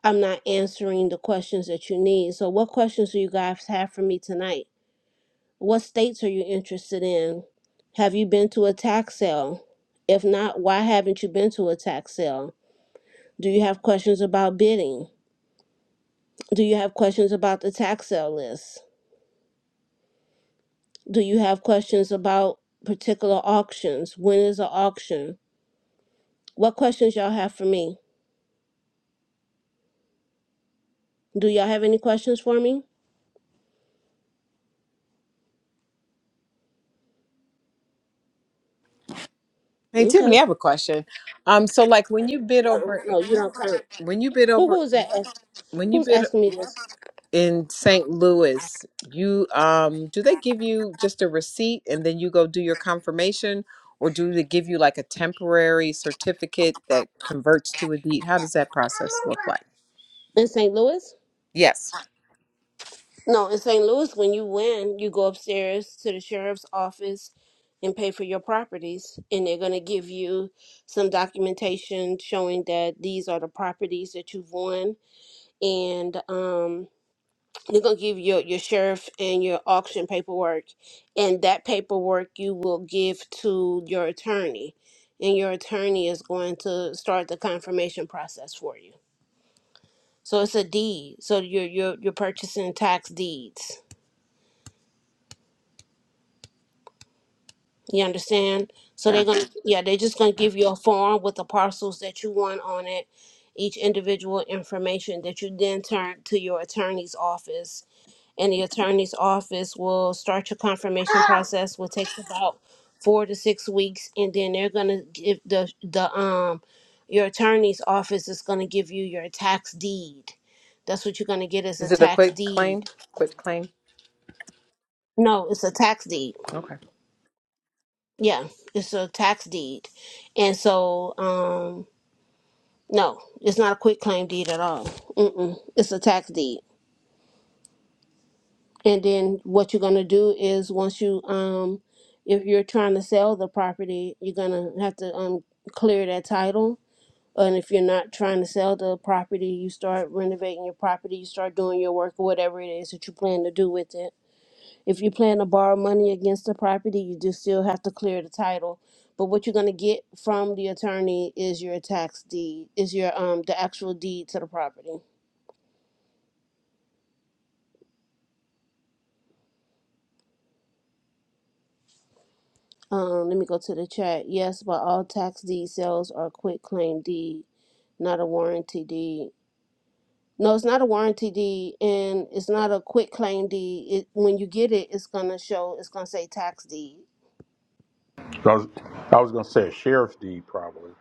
I'm not answering the questions that you need. So, what questions do you guys have for me tonight? What states are you interested in? Have you been to a tax sale? If not, why haven't you been to a tax sale? Do you have questions about bidding? Do you have questions about the tax sale list? Do you have questions about particular auctions? When is an auction? What questions y'all have for me? Do y'all have any questions for me? Hey Okay. Tiffany, I have Uh-uh. a question. Um, so like when you bid over, No, you don't count. when you bid Who over, who's that? ask- when you Who's bid asking me this? in St. Louis, you um, do they give you just a receipt and then you go do your confirmation, or do they give you like a temporary certificate that converts to a deed? How does that process look like? In St. Louis? Yes. No, in St. Louis, when you win, you go upstairs to the sheriff's office and pay for your properties, and they're going to give you some documentation showing that these are the properties that you've won, and um, they're going to give your your sheriff and your auction paperwork, and that paperwork you will give to your attorney, and your attorney is going to start the confirmation process for you. So it's a deed. So you're you're you're purchasing tax deeds. You understand? So Yeah. they're gonna yeah, they're just gonna give you a form with the parcels that you want on it, each individual information that you then turn to your attorney's office. And the attorney's office will start your confirmation process, will take about four to six weeks, and then they're gonna give the the um your attorney's office is gonna give you your tax deed. That's what you're gonna get is a Is it a tax quick claim? deed. Quick claim. No, it's a tax deed. Okay. Yeah, it's a tax deed, and so um, no, it's not a quick claim deed at all. Mm-mm, it's a tax deed, and then what you're gonna do is once you um, if you're trying to sell the property, you're gonna have to um clear that title. And if you're not trying to sell the property, you start renovating your property, you start doing your work or whatever it is that you plan to do with it If you plan to borrow money against the property, you do still have to clear the title. But what you're gonna get from the attorney is your tax deed, is your um the actual deed to the property. Um, let me go to the chat. Yes, but all tax deed sales are quit claim deed, not a warranty deed. No, it's not a warranty deed, and it's not a quit claim deed. It when you get it, it's gonna show. It's gonna say tax deed. I was, I was gonna say a sheriff's deed probably.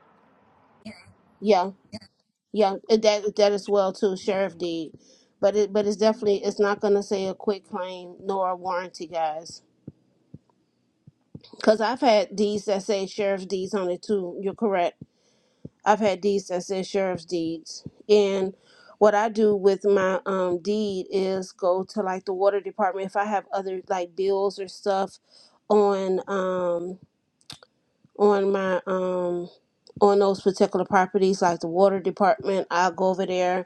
Yeah, young uh, that that as well too sheriff deed but it but it's definitely it's not going to say a quick claim nor a warranty guys because i've had deeds that say sheriff's deeds on it too you're correct i've had deeds that say sheriff's deeds and what i do with my um deed is go to like the water department if i have other like bills or stuff on um on my um on those particular properties like the water department i'll go over there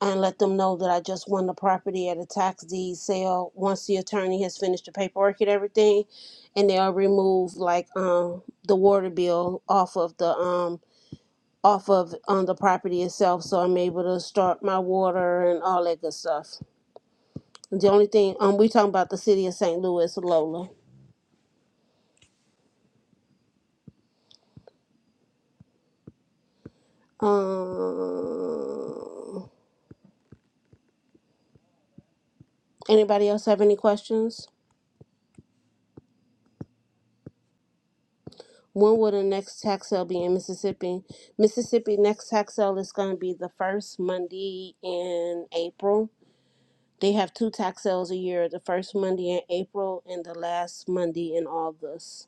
and let them know that I just won the property at a tax deed sale. Once the attorney has finished the paperwork and everything, and they'll remove like um the water bill off of the um off of on the property itself, so I'm able to start my water and all that good stuff. The only thing um we talking about the city of St. Louis, Lola. Um, anybody else have any questions? When will the next tax sale be in Mississippi? Mississippi next tax sale is going to be the first Monday in April. They have two tax sales a year, the first Monday in April and the last Monday in August.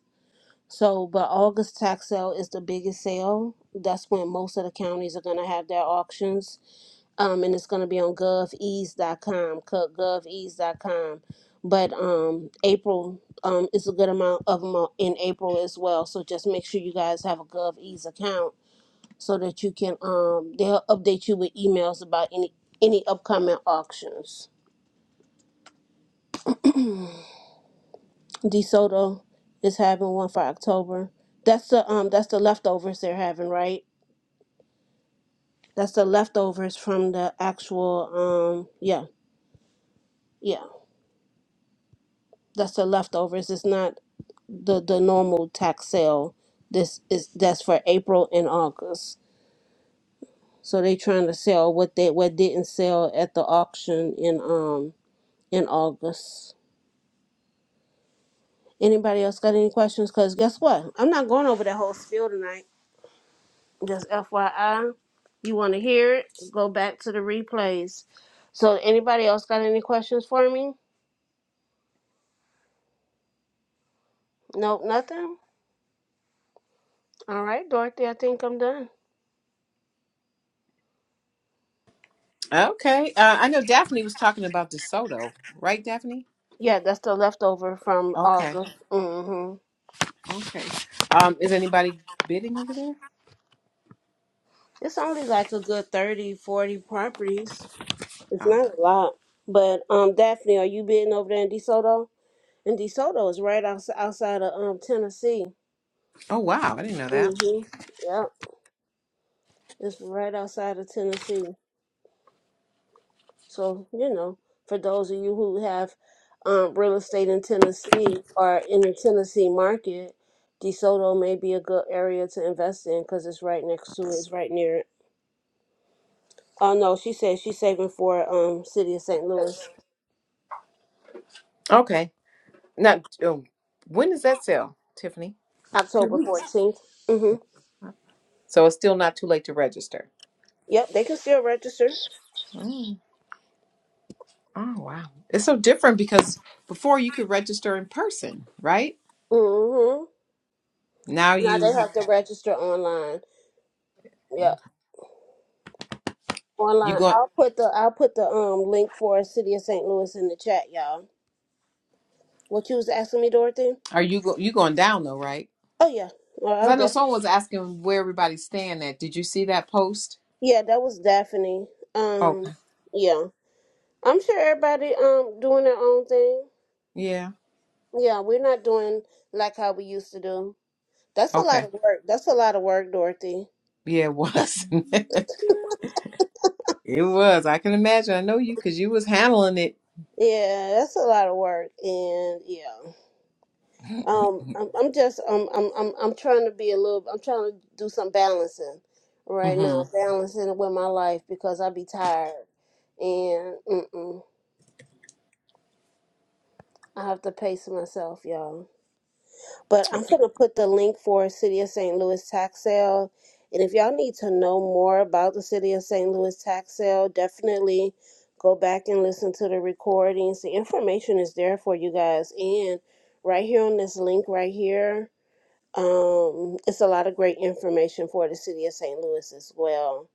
So, but August tax sale is the biggest sale. That's when most of the counties are going to have their auctions um, and it's going to be on govease.com, co- govease.com. But um, April um, is a good amount of them are in April as well. So just make sure you guys have a govease account so that you can um, they'll update you with emails about any any upcoming auctions. DeSoto is having one for October. That's the um that's the leftovers they're having, right? That's the leftovers from the actual um yeah yeah that's the leftovers. It's not the the normal tax sale. This is that's for April and August. So they trying to sell what they what didn't sell at the auction in um in August. Anybody else got any questions? Cause guess what? I'm not going over that whole spiel tonight. Just FYI, you want to hear it? Go back to the replays. So anybody else got any questions for me? Nope, nothing. All right, Dorothy, I think I'm done. Okay. Uh, I know Daphne was talking about DeSoto, right, Daphne? Yeah, that's the leftover from Okay. August. Mm-hmm. Okay. Um, is anybody bidding over there? It's only like a good 30, 40 properties. It's Oh. not a lot. But um, Daphne, are you been over there in DeSoto? And DeSoto is right outs- outside of um Tennessee. Oh wow, I didn't know that. Mhm. Yep. It's right outside of Tennessee. So you know, for those of you who have um real estate in Tennessee or in the Tennessee market, DeSoto may be a good area to invest in because it's right next to it. It's right near it. Oh no, she said she's saving for um city of St. Louis. Okay. Not um, when does that sell, Tiffany? A few October weeks. 14th. Mm-hmm. So it's still not too late to register. Yep, they can still register. Mm. Oh wow, it's so different because before you could register in person, right? Mm-hmm. Now Now you they have have to register online. Yep. you Online. go I'll put the I'll put the um link for City of St. Louis in the chat, y'all. What you was asking me, Dorothy? are you go, you going down though, right? Oh yeah. Well, Because I'll I know def- someone was asking where everybody's staying at. Did you see that post? yeah, that was Daphne. Um Okay. yeah. I'm sure everybody um doing their own thing. Yeah. Yeah, we're not doing like how we used to do. That's a lot Okay. of work. That's a lot of work, Dorothy. Yeah, it was. (laughs) it was. I can imagine. I know you because you was handling it. Yeah, that's a lot of work. And yeah. Um, I'm, I'm just um, I'm I'm I'm trying to be a little. I'm trying to do some balancing right hmm now, balancing it with my life because I be tired, and mm-mm, I have to pace myself, y'all. But I'm gonna put the link for City of St. Louis tax sale, and if y'all need to know more about the City of St. Louis tax sale, definitely go back and listen to the recordings. The information is there for you guys, and right here on this link right here Um, it's a lot of great information for the city of St. Louis as well.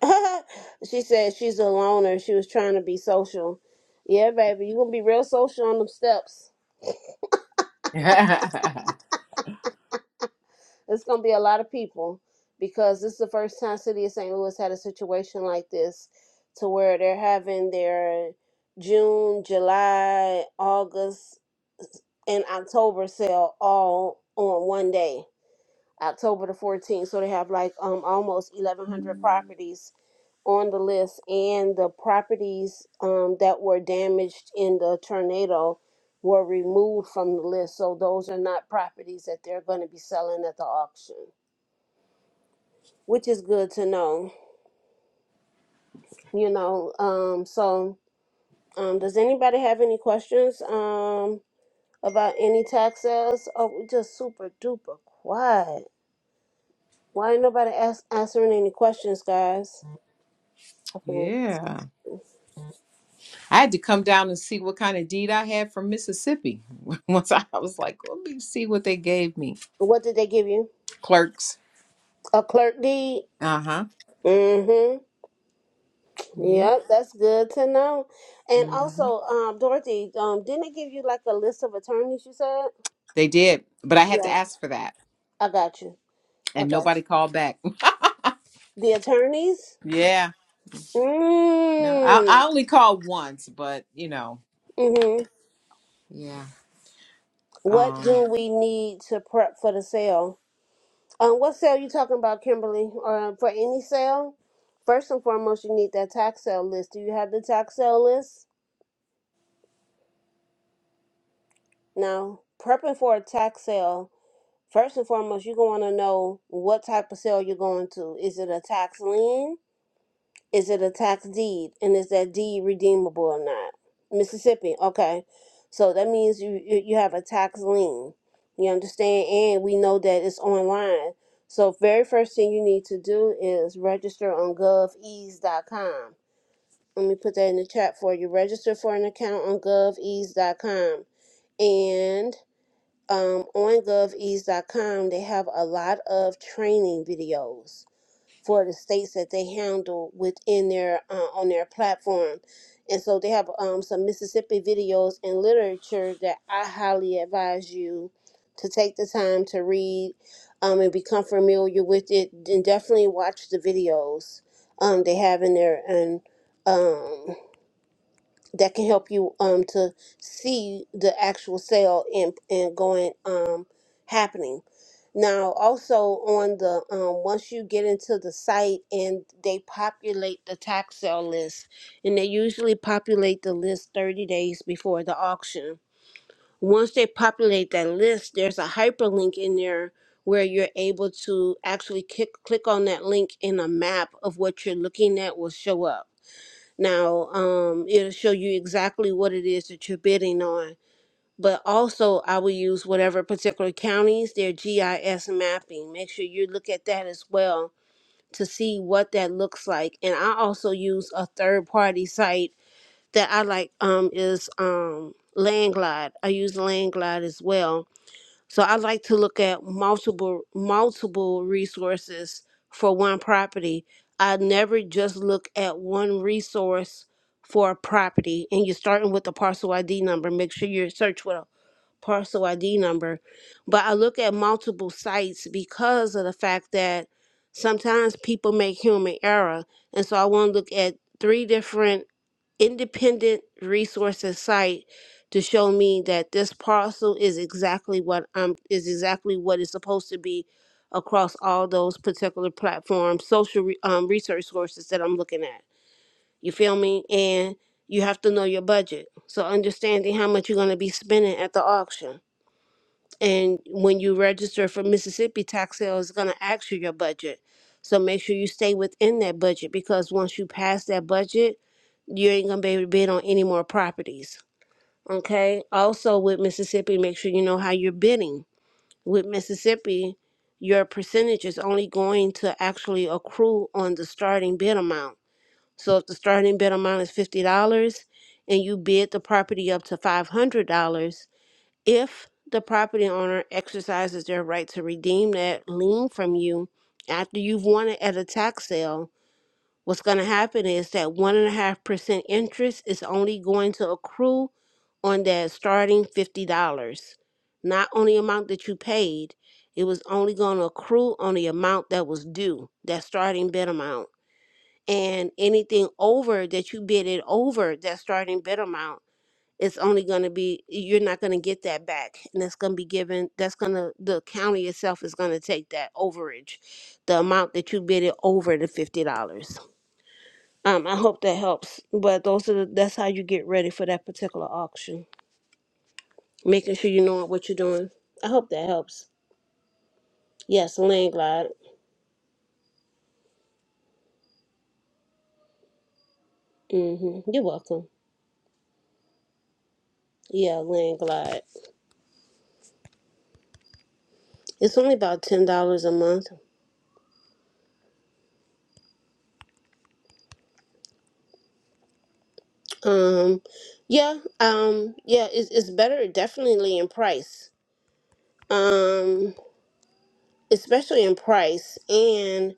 (laughs) she said she's a loner. She was trying to be social. Yeah, baby, you're gonna be real social on them steps. (laughs) It's gonna be a lot of people because this is the first time city of St. Louis had a situation like this, to where they're having their June, July, August, and October sale all on one day, October the 14th. So they have like um almost 1,100 properties on the list and the properties um, that were damaged in the tornado were removed from the list. So those are not properties that they're going to be selling at the auction, which is good to know, you know. Um, so, um, does anybody have any questions um, about any tax sales? Oh, we just super duper quiet. Why ain't nobody ask, answering any questions, guys? I Yeah. I had to come down and see what kind of deed I had from Mississippi. (laughs) Once I was like, let me see what they gave me. What did they give you? Clerks. A clerk deed? Uh huh. Mm hmm. Yeah. Yep, that's good to know. And hmm also, um, Dorothy, um, didn't it give you like a list of attorneys you said? They did. But I had to Yeah. ask for that. I got you. I And got you. nobody called back. The attorneys? (laughs) yeah. No, I, Mm. I only called once, but you know, Mm-hmm. yeah. What Um, do we need to prep for the sale? Um, what sale you talking about, Kimberly? Or for any sale? First and foremost, you need that tax sale list. Do you have the tax sale list? No. Prepping for a tax sale First and foremost, you're going to know what type of sale you're going to. Is it a tax lien? Is it a tax deed? And is that deed redeemable or not? Mississippi, okay. So that means you you you have a tax lien. You understand? And we know that it's online. So very first thing you need to do is register on govease.com. Let me put that in the chat for you. Register for an account on govease.com. And um, on govease.com, they have a lot of training videos for the states that they handle within their uh, on their platform, and so they have um, some Mississippi videos and literature that I highly advise you to take the time to read um, and become familiar with it, and definitely watch the videos um, they have in there and. Um, that can help you um to see the actual sale and and going um happening. Now also on the um once you get into the site and they populate the tax sale list and they usually populate the list 30 days before the auction. Once they populate that list, there's a hyperlink in there where you're able to actually click click on that link and a map of what you're looking at will show up. Now, um, it'll show you exactly what it is that you're bidding on. But also, I will use whatever particular counties, their GIS mapping. Make sure you look at that as well to see what that looks like. And I also use a third party site that I like um, is um, Landglide. I use Landglide as well so I like to look at multiple multiple resources for one property. I never just look at one resource for a property. And you're starting with the parcel ID number. Make sure you search with a parcel ID number. But I look at multiple sites because of the fact that sometimes people make human error. And so I want to look at three different independent resource and site to show me that this parcel is exactly what I'm is exactly what it's supposed to be across all those particular platforms, social re, um, research sources that I'm looking at. You feel me? And you have to know your budget. So understanding how much you're going to be spending at the auction. And when you register for Mississippi, tax sale is going to ask you your budget. So make sure you stay within that budget because once you pass that budget, you ain't going to be able to bid on any more properties. Okay. Also, with Mississippi, make sure you know how you're bidding. With Mississippi, your percentage is only going to actually accrue on the starting bid amount. So if the starting bid amount is $50 and you bid the property up to $500, if the property owner exercises their right to redeem that lien from you after you've won it at a tax sale, what's going to happen is that one and a half percent interest is only going to accrue on that starting fifty dollars. Not on the amount that you paid, it was only going to accrue on the amount that was due, that starting bid amount. And anything over that you bid it over that starting bid amount it's only going to be you're not going to get that back and it's going to be given that's going to the county itself is going to take that overage the amount that you bid it over the $50 um, i hope that helps but those are the, that's how you get ready for that particular auction making sure you know what you're doing i hope that helps yes land glide hmm you're welcome yeah land glide it's only about $10 a month um yeah um yeah it's, it's better definitely in price um, especially in price and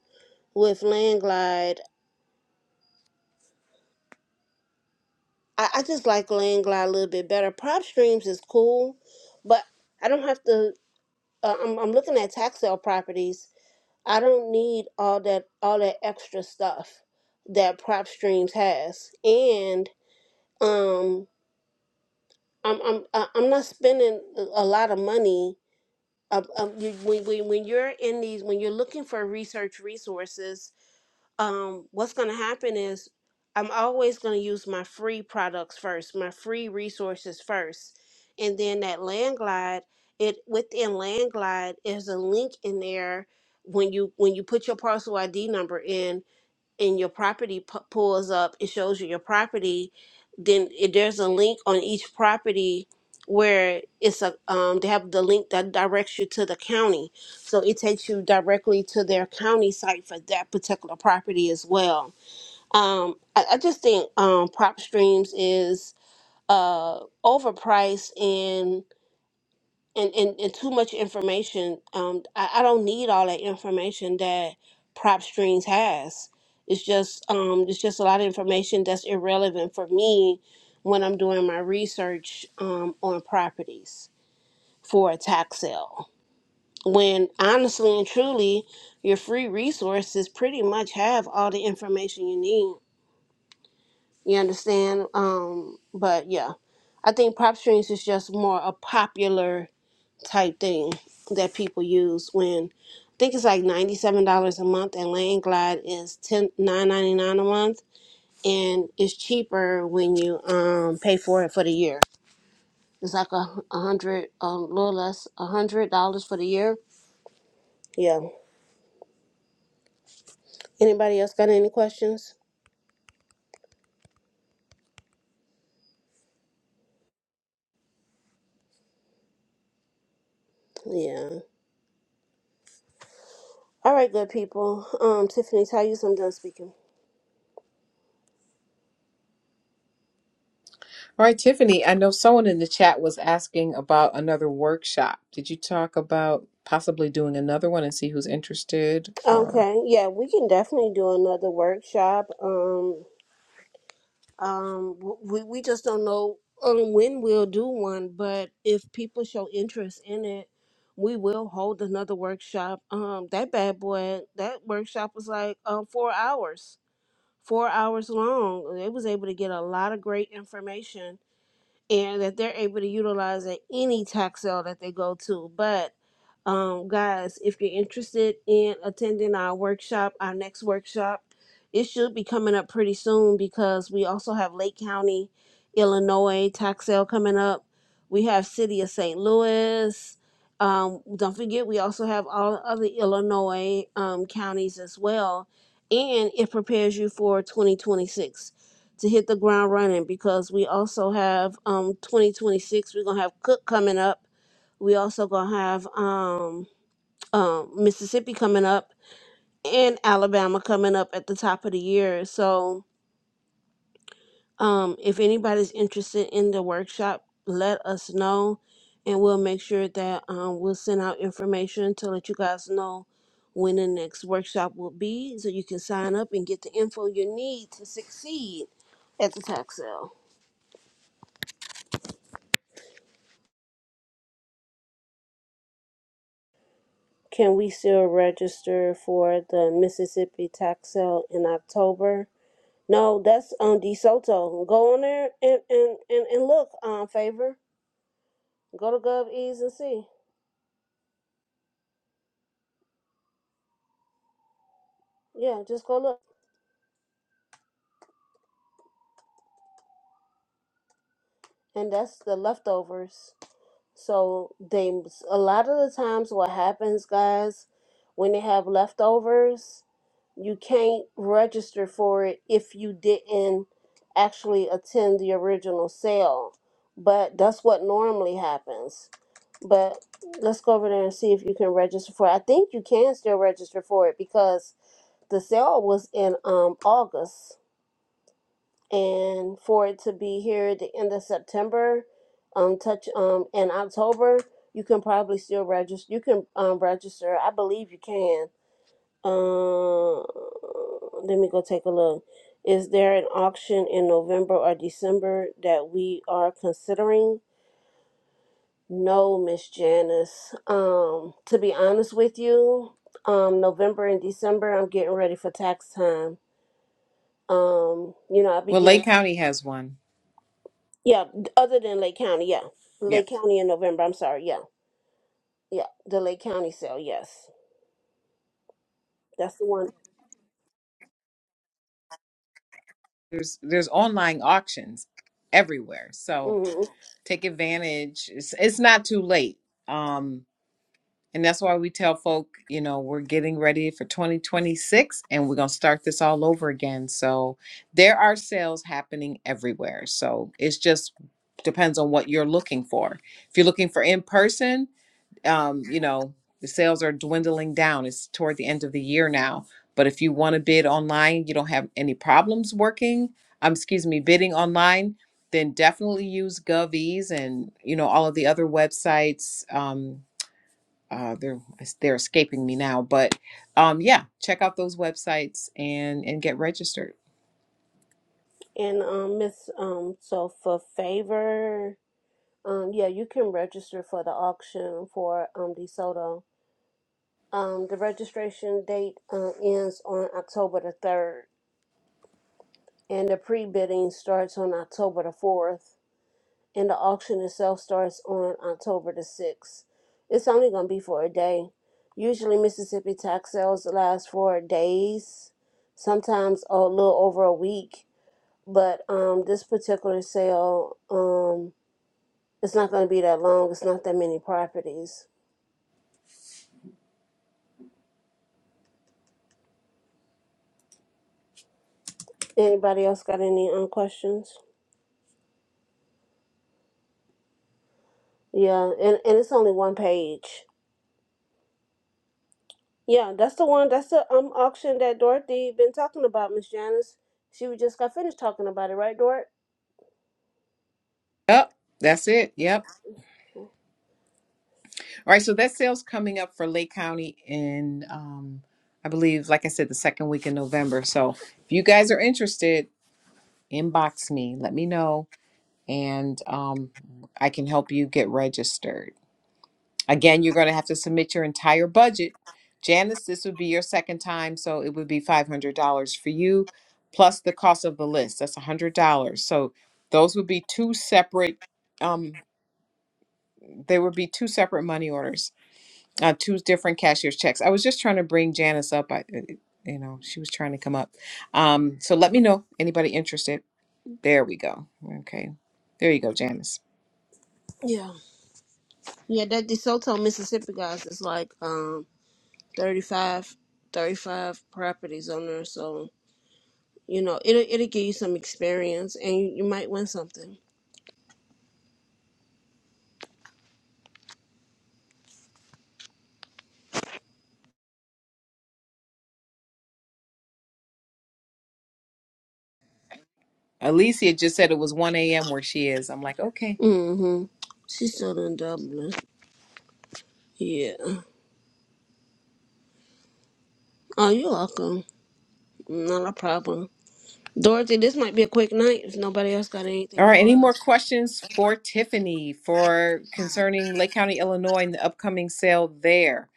with Landglide. I, I just like Landglide a little bit better. Prop Streams is cool, but I don't have to. Uh, I'm, I'm looking at tax sale properties. I don't need all that all that extra stuff that Prop Streams has, and um, I'm I'm uh, I'm not spending a a lot of money. Uh, um, you, when, when, when you're in these, when you're looking for research resources, um, what's going to happen is I'm always going to use my free products first, my free resources first, and then that Landglide. It within Landglide is a link in there when you when you put your parcel ID number in and your property p- pulls up, it shows you your property. Then it, there's a link on each property where it's a um, they have the link that directs you to the county, so it takes you directly to their county site for that particular property as well. Um, I, I just think um, prop streams is uh, overpriced and and, and, and too much information. Um, I, I don't need all that information that Prop Strings has. It's just um, it's just a lot of information that's irrelevant for me when I'm doing my research um, on properties for a tax sale. When honestly and truly, your free resources pretty much have all the information you need. You understand? Um, but yeah, I think Prop Strings is just more a popular type thing that people use when I think it's like $97 a month and Lane Glide is ten nine ninety nine a month and it's cheaper when you um pay for it for the year. It's like a a hundred, a little less, a hundred dollars for the year. Yeah. Anybody else got any questions? Yeah. All right, good people. Um, Tiffany, tell you I'm done speaking. all right, Tiffany, I know someone in the chat was asking about another workshop. Did you talk about possibly doing another one and see who's interested or? Okay. Yeah, we can definitely do another workshop. Um, Um, w- we we just don't know um, when we'll do one, but if people show interest in it, we will hold another workshop. Um, that bad boy, that workshop was like um four hours, four hours long. They was able to get a lot of great information and that they're able to utilize at any tax sale that they go to. But um, guys, if you're interested in attending our workshop, our next workshop, it should be coming up pretty soon because we also have Lake County, Illinois tax sale coming up. We have City of St. Louis. Um, don't forget, we also have all other Illinois um, counties as well, and it prepares you for 2026 to hit the ground running because we also have um 2026 we're gonna have cook coming up we also gonna have um, um mississippi coming up and alabama coming up at the top of the year so um if anybody's interested in the workshop let us know and we'll make sure that um, we'll send out information to let you guys know when the next workshop will be so you can sign up and get the info you need to succeed at the tax sale Can we still register for the Mississippi tax sale in October? No, that's on DeSoto. Go on there and, and, and, and look, um, favor. Go to GovEase and see. Yeah, just go look. And that's the leftovers. So they a lot of the times what happens, guys, when they have leftovers, you can't register for it if you didn't actually attend the original sale. But that's what normally happens. But let's go over there and see if you can register for it. I think you can still register for it because the sale was in um August and for it to be here at the end of September, um, touch um, in October, you can probably still register. You can um register. I believe you can. Uh, let me go take a look. Is there an auction in November or December that we are considering? No, Miss Janice. Um, to be honest with you, um, November and December, I'm getting ready for tax time. Um, you know, I will be Well, getting Lake County has one. Yeah, d- other than Lake County, yeah. Yeah. Lake County in November, I'm sorry, yeah. Yeah, the Lake County sale, yes. That's the one. There's there's online auctions everywhere. So hmm take advantage. It's it's not too late. Um and that's why we tell folk, you know, we're getting ready for 2026 and we're going to start this all over again. So there are sales happening everywhere. So it's just depends on what you're looking for. If you're looking for in person, um, you know, the sales are dwindling down. It's toward the end of the year now. But if you want to bid online, you don't have any problems working, um, excuse me, bidding online, then definitely use GovEase and, you know, all of the other websites. Um, uh, they're they're escaping me now, but um, yeah, check out those websites and and get registered. And um Miss um so for favor, um yeah, you can register for the auction for um DeSoto. Um the registration date uh, ends on October the 3rd and the pre-bidding starts on October the 4th. and the auction itself starts on October the 6th. It's only going to be for a day. Usually, Mississippi tax sales last for days, sometimes a little over a week. But um, this particular sale, um, it's not going to be that long. It's not that many properties. Anybody else got any um, questions? Yeah, and, and it's only one page. Yeah, that's the one. That's the um auction that Dorothy been talking about, Miss Janice. She was just got finished talking about it, right, Dort? Yep, that's it. Yep. All right, so that sale's coming up for Lake County in, um, I believe, like I said, the second week in November. So if you guys are interested, inbox me, let me know, and um, I can help you get registered. Again, you're going to have to submit your entire budget. Janice, this would be your second time, so it would be $500 for you, plus the cost of the list. That's $100. So those would be two separate, um, there would be two separate money orders uh, two different cashier's checks. I was just trying to bring Janice up. I, uh, you know, she was trying to come up. Um, so let me know anybody interested. There we go. Okay, there you go, Janice. Yeah. Yeah, that DeSoto, Mississippi guys is like um 35, thirty-five properties on there. So, you know, it'll, it'll give you some experience and you, you might win something. Alicia just said it was 1 a.m. where she is. I'm like, okay. Mm-hmm. She's still in Dublin. Yeah. Oh, you're welcome. Not a problem. Dorothy, this might be a quick night if nobody else got anything All right. for Any more us. questions for Tiffany for concerning Lake County, Illinois, and the upcoming sale there?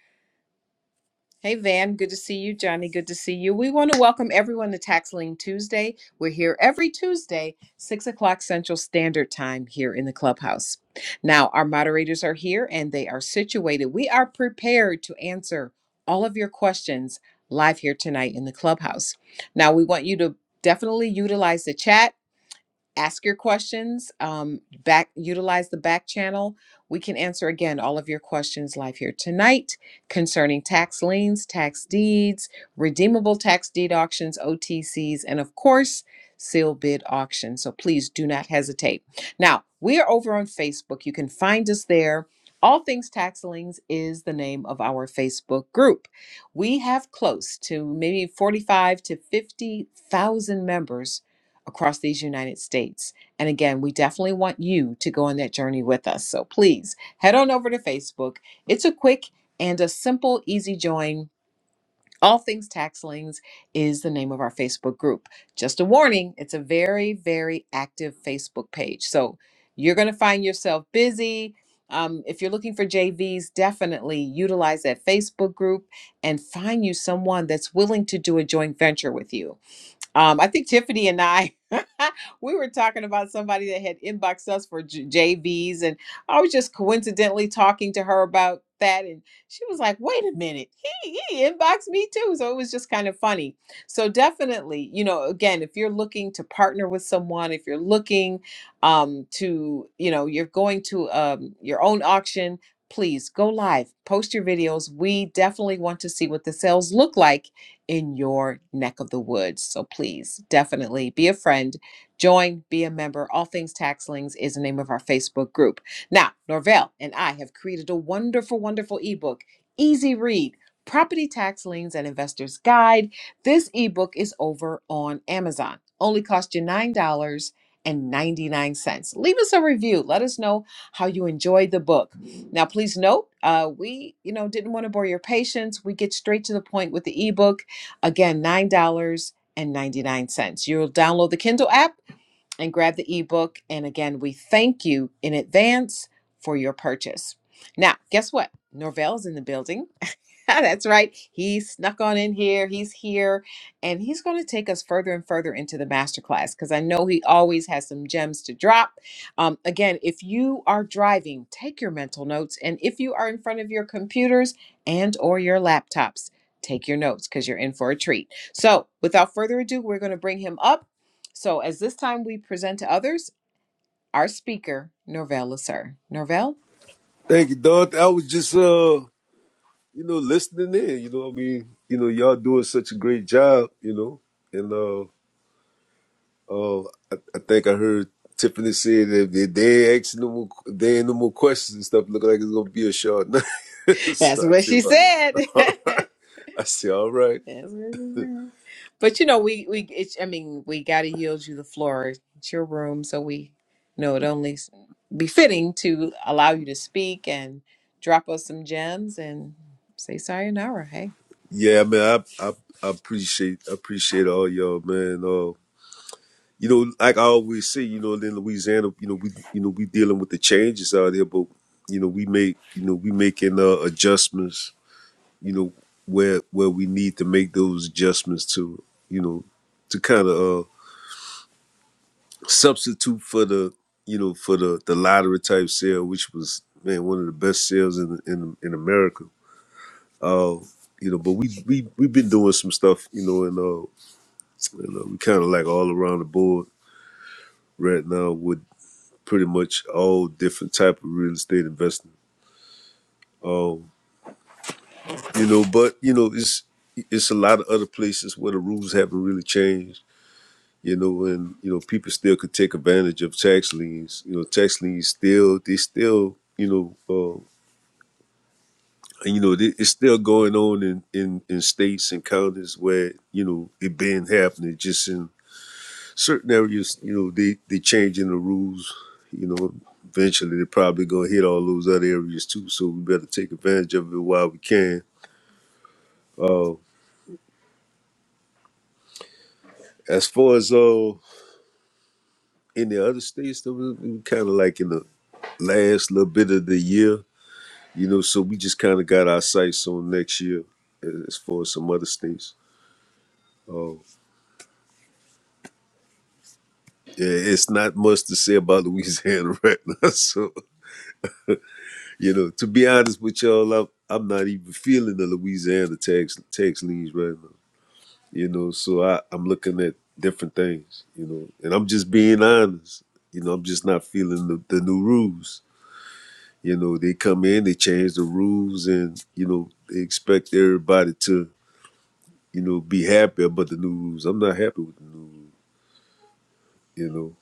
Hey, Van, good to see you. Johnny, good to see you. We want to welcome everyone to Tax Lien Tuesday. We're here every Tuesday, 6 o'clock Central Standard Time here in the clubhouse. Now, our moderators are here and they are situated. We are prepared to answer all of your questions live here tonight in the clubhouse. Now, we want you to definitely utilize the chat ask your questions um, back utilize the back channel we can answer again all of your questions live here tonight concerning tax liens tax deeds redeemable tax deed auctions otcs and of course seal bid auctions so please do not hesitate now we are over on facebook you can find us there all things tax liens is the name of our facebook group we have close to maybe 45 to 50000 members across these United States. And again, we definitely want you to go on that journey with us. So please head on over to Facebook. It's a quick and a simple, easy join. All Things Tax Liens is the name of our Facebook group. Just a warning, it's a very, very active Facebook page. So you're going to find yourself busy. Um, if you're looking for JVs, definitely utilize that Facebook group and find you someone that's willing to do a joint venture with you um, I think Tiffany and I, (laughs) we were talking about somebody that had inboxed us for J- JVs, and I was just coincidentally talking to her about that, and she was like, "Wait a minute, he he inboxed me too." So it was just kind of funny. So definitely, you know, again, if you're looking to partner with someone, if you're looking um, to, you know, you're going to um, your own auction. Please go live, post your videos. We definitely want to see what the sales look like in your neck of the woods. So please definitely be a friend, join, be a member. All Things taxlings is the name of our Facebook group. Now, Norvell and I have created a wonderful, wonderful ebook, easy read. Property Tax Liens and Investors Guide. This ebook is over on Amazon. Only cost you $9.99. Leave us a review. Let us know how you enjoyed the book. Now, please note, uh, we you know didn't want to bore your patience. We get straight to the point with the ebook. Again, $9.99. You'll download the Kindle app and grab the ebook. And again, we thank you in advance for your purchase. Now, guess what? Norvell is in the building. (laughs) That's right. He snuck on in here. He's here and he's going to take us further and further into the masterclass because I know he always has some gems to drop. Um, again, if you are driving, take your mental notes. And if you are in front of your computers and or your laptops, take your notes because you're in for a treat. So without further ado, we're going to bring him up. So as this time we present to others, our speaker, Norvell Lasser. Norvell? Thank you, Don. I was just uh, you know, listening in, you know what I mean? You know, y'all doing such a great job, you know. And uh uh I, I think I heard Tiffany say that if they, ain't asking no more if they ain't no more questions and stuff, look like it's gonna be a short night. (laughs) That's so I what say, she well, said. (laughs) all (laughs) right. I say, all right. That's what it is. But you know, we we it's, I mean, we got to yield you the floor. It's your room, so we you know it only s- befitting to allow you to speak and drop us some gems and say sayonara. Hey, Yeah, man, I I, I appreciate I appreciate all y'all, man. Uh, you know, like I always say, you know, in Louisiana, you know, we you know we dealing with the changes out there, but you know, we make you know we making uh, adjustments, you know, where where we need to make those adjustments to, you know, to kind of uh, substitute for the you know for the the lottery type sale, which was man one of the best sales in in in America. Uh, you know, but we we we've been doing some stuff, you know, and uh, and, uh we kind of like all around the board right now pretty much all different type of real estate investing. Um, you know, but you know, it's it's a lot of other places where the rules haven't really changed. You know, and you know, people still could take advantage of tax liens. You know, tax liens still they still you know. Uh, and, you know, it- it's still going on in, in, in states and counties where, you know, it been happening just in certain areas, you know, they they changing the rules. You know, eventually they're probably gonna hit all those other areas too. So we better take advantage of it while we can. Uh, as far as uh, in the other states, that we, we kind of like in the last little bit of the year, you know. So we just kind of got our sights on next year a- as far as some other states. Oh, yeah, it's not much to say about Louisiana (laughs) right now. So You know, to be honest with y'all, I'm, I'm not even feeling the Louisiana tax tax liens right now. You know, so I, I'm looking at different things, you know, and I'm just being honest. You know, I'm just not feeling the, the new rules. You know, they come in, they change the rules, and, you know, they expect everybody to, you know, be happy about the new rules. I'm not happy with the new rules, you know.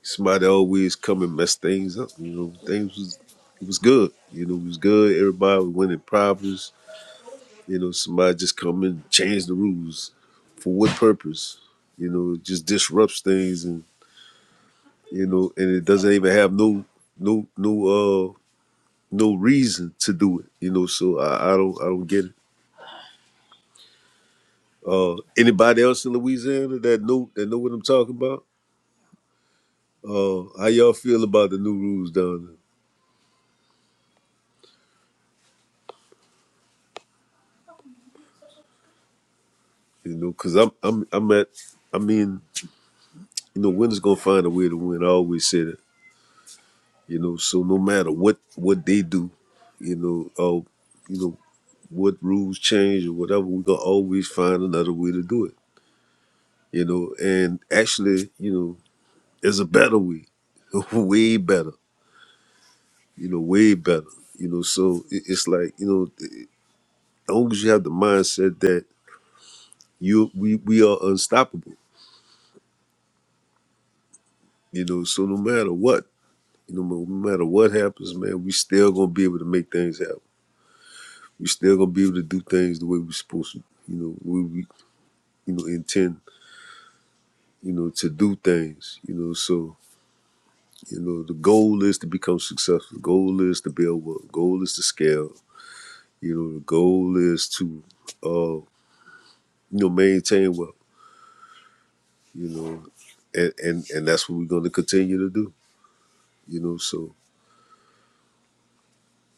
Somebody always come and mess things up, you know. Things was, it was good. You know, it was good. Everybody was winning prizes You know, somebody just come and change the rules. For what purpose? You know, it just disrupts things and you know, and it doesn't even have no no no uh no reason to do it. You know, so I, I don't I don't get it. Uh anybody else in Louisiana that know that know what I'm talking about? Uh how y'all feel about the new rules down there? You know, because I'm I'm I'm at I mean, you know, winners gonna find a way to win. I always say that. You know, so no matter what what they do, you know, uh, you know, what rules change or whatever, we gonna always find another way to do it. You know, and actually, you know, there's a better way, (laughs) way better. You know, way better. You know, so it- it's like you know, it- as long as you have the mindset that you we we are unstoppable. You know, so no matter what, you know, no matter what happens, man, we still gonna be able to make things happen. We still gonna be able to do things the way we're supposed to. You know, we, we you know intend you know to do things. You know, so You know, the goal is to become successful. The goal is to build up. The goal is to scale. You know, the goal is to, uh, you know, maintain wealth. You know, and and and that's what we're going to continue to do. You know, so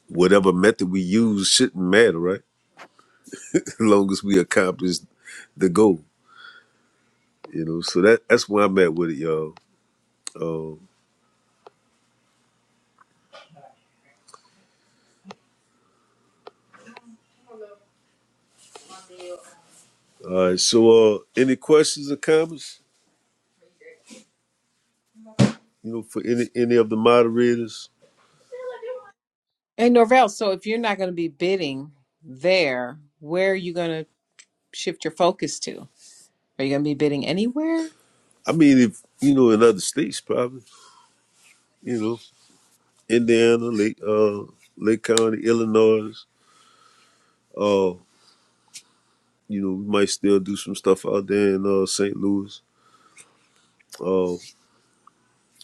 whatever method we use shouldn't matter, right? (laughs) as long as we accomplish the goal. You know, so that that's where I'm at with it, y'all. Um, all right. So, uh, any questions or comments? You know, for any any of the moderators. hey, Norvell. So if you're not going to be bidding there, where are you going to shift your focus to? Are you going to be bidding anywhere? I mean, if you know, in other states, probably. You know. Indiana, Lake uh Lake County, Illinois. Uh, you know, we might still do some stuff out there in uh St. Louis. Uh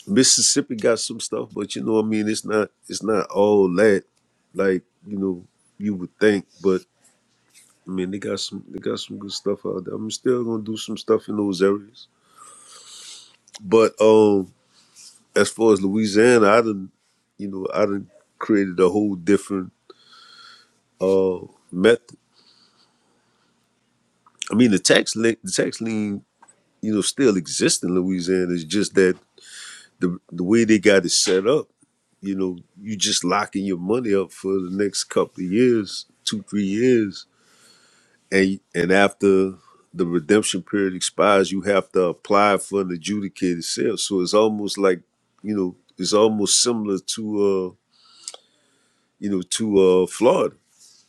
Mississippi got some stuff, but you know what I mean, it's not it's not all that like, you know, you would think, but I mean they got some they got some good stuff out there. I'm still gonna do some stuff in those areas. But um as far as Louisiana, I done you know, I done created a whole different uh method. I mean the tax link the tax lien you know, still exist in Louisiana. It's just that the the way they got it set up, you know, you just locking your money up for the next couple of years, two, three years. And and after the redemption period expires, you have to apply for an adjudicated sale. So it's almost like, you know, it's almost similar to uh, you know, to uh Florida.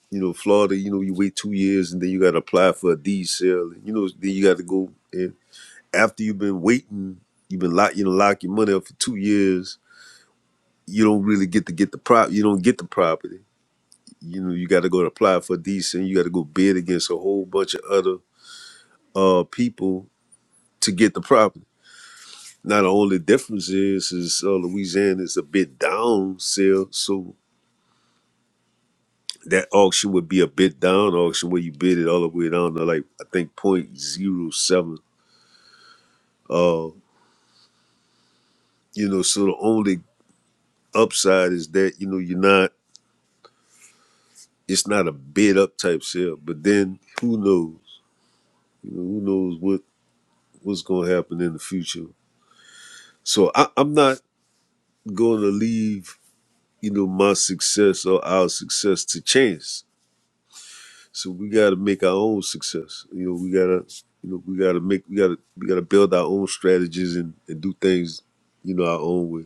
You know, Florida, you know, you wait two years and then you gotta apply for a deed sale. You know, then you gotta go and after you've been waiting, you've been lock you know lock your money up for two years. You don't really get to get the prop. You don't get the property. You know you got to go to apply for decent. You got to go bid against a whole bunch of other uh people to get the property. Now the only difference is is uh, Louisiana is a bid down sale, so that auction would be a bid down auction where you bid it all the way down to like I think point zero seven. Uh, you know, so the only upside is that you know you're not it's not a bid up type sale, but then who knows? You know, who knows what what's going to happen in the future? So I, I'm not going to leave you know my success or our success to chance. So we got to make our own success. You know, we gotta you know we gotta make we gotta we gotta build our own strategies and, and do things you know our own way.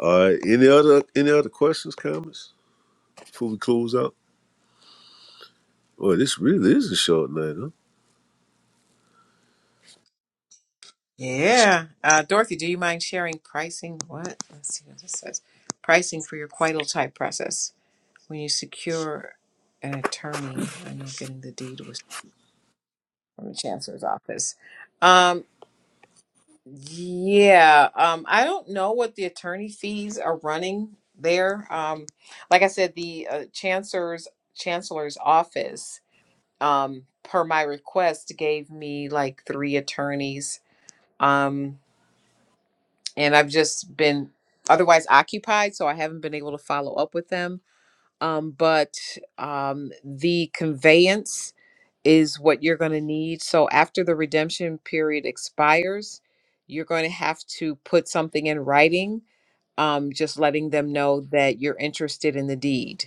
All right. Any other any other questions, comments before we close out? Boy, this really is a short night, huh? Yeah, uh, Dorothy, do you mind sharing pricing? What? Let's see what this says. Pricing for your quital type process. When you secure an attorney, I know getting the deed was from the chancellor's office. Um, yeah, um, I don't know what the attorney fees are running there. Um, like I said, the uh, chancellor's chancellor's office, um, per my request, gave me like three attorneys. Um, and I've just been otherwise occupied, so I haven't been able to follow up with them um, but um, the conveyance is what you're going to need. So after the redemption period expires, you're going to have to put something in writing, um, just letting them know that you're interested in the deed.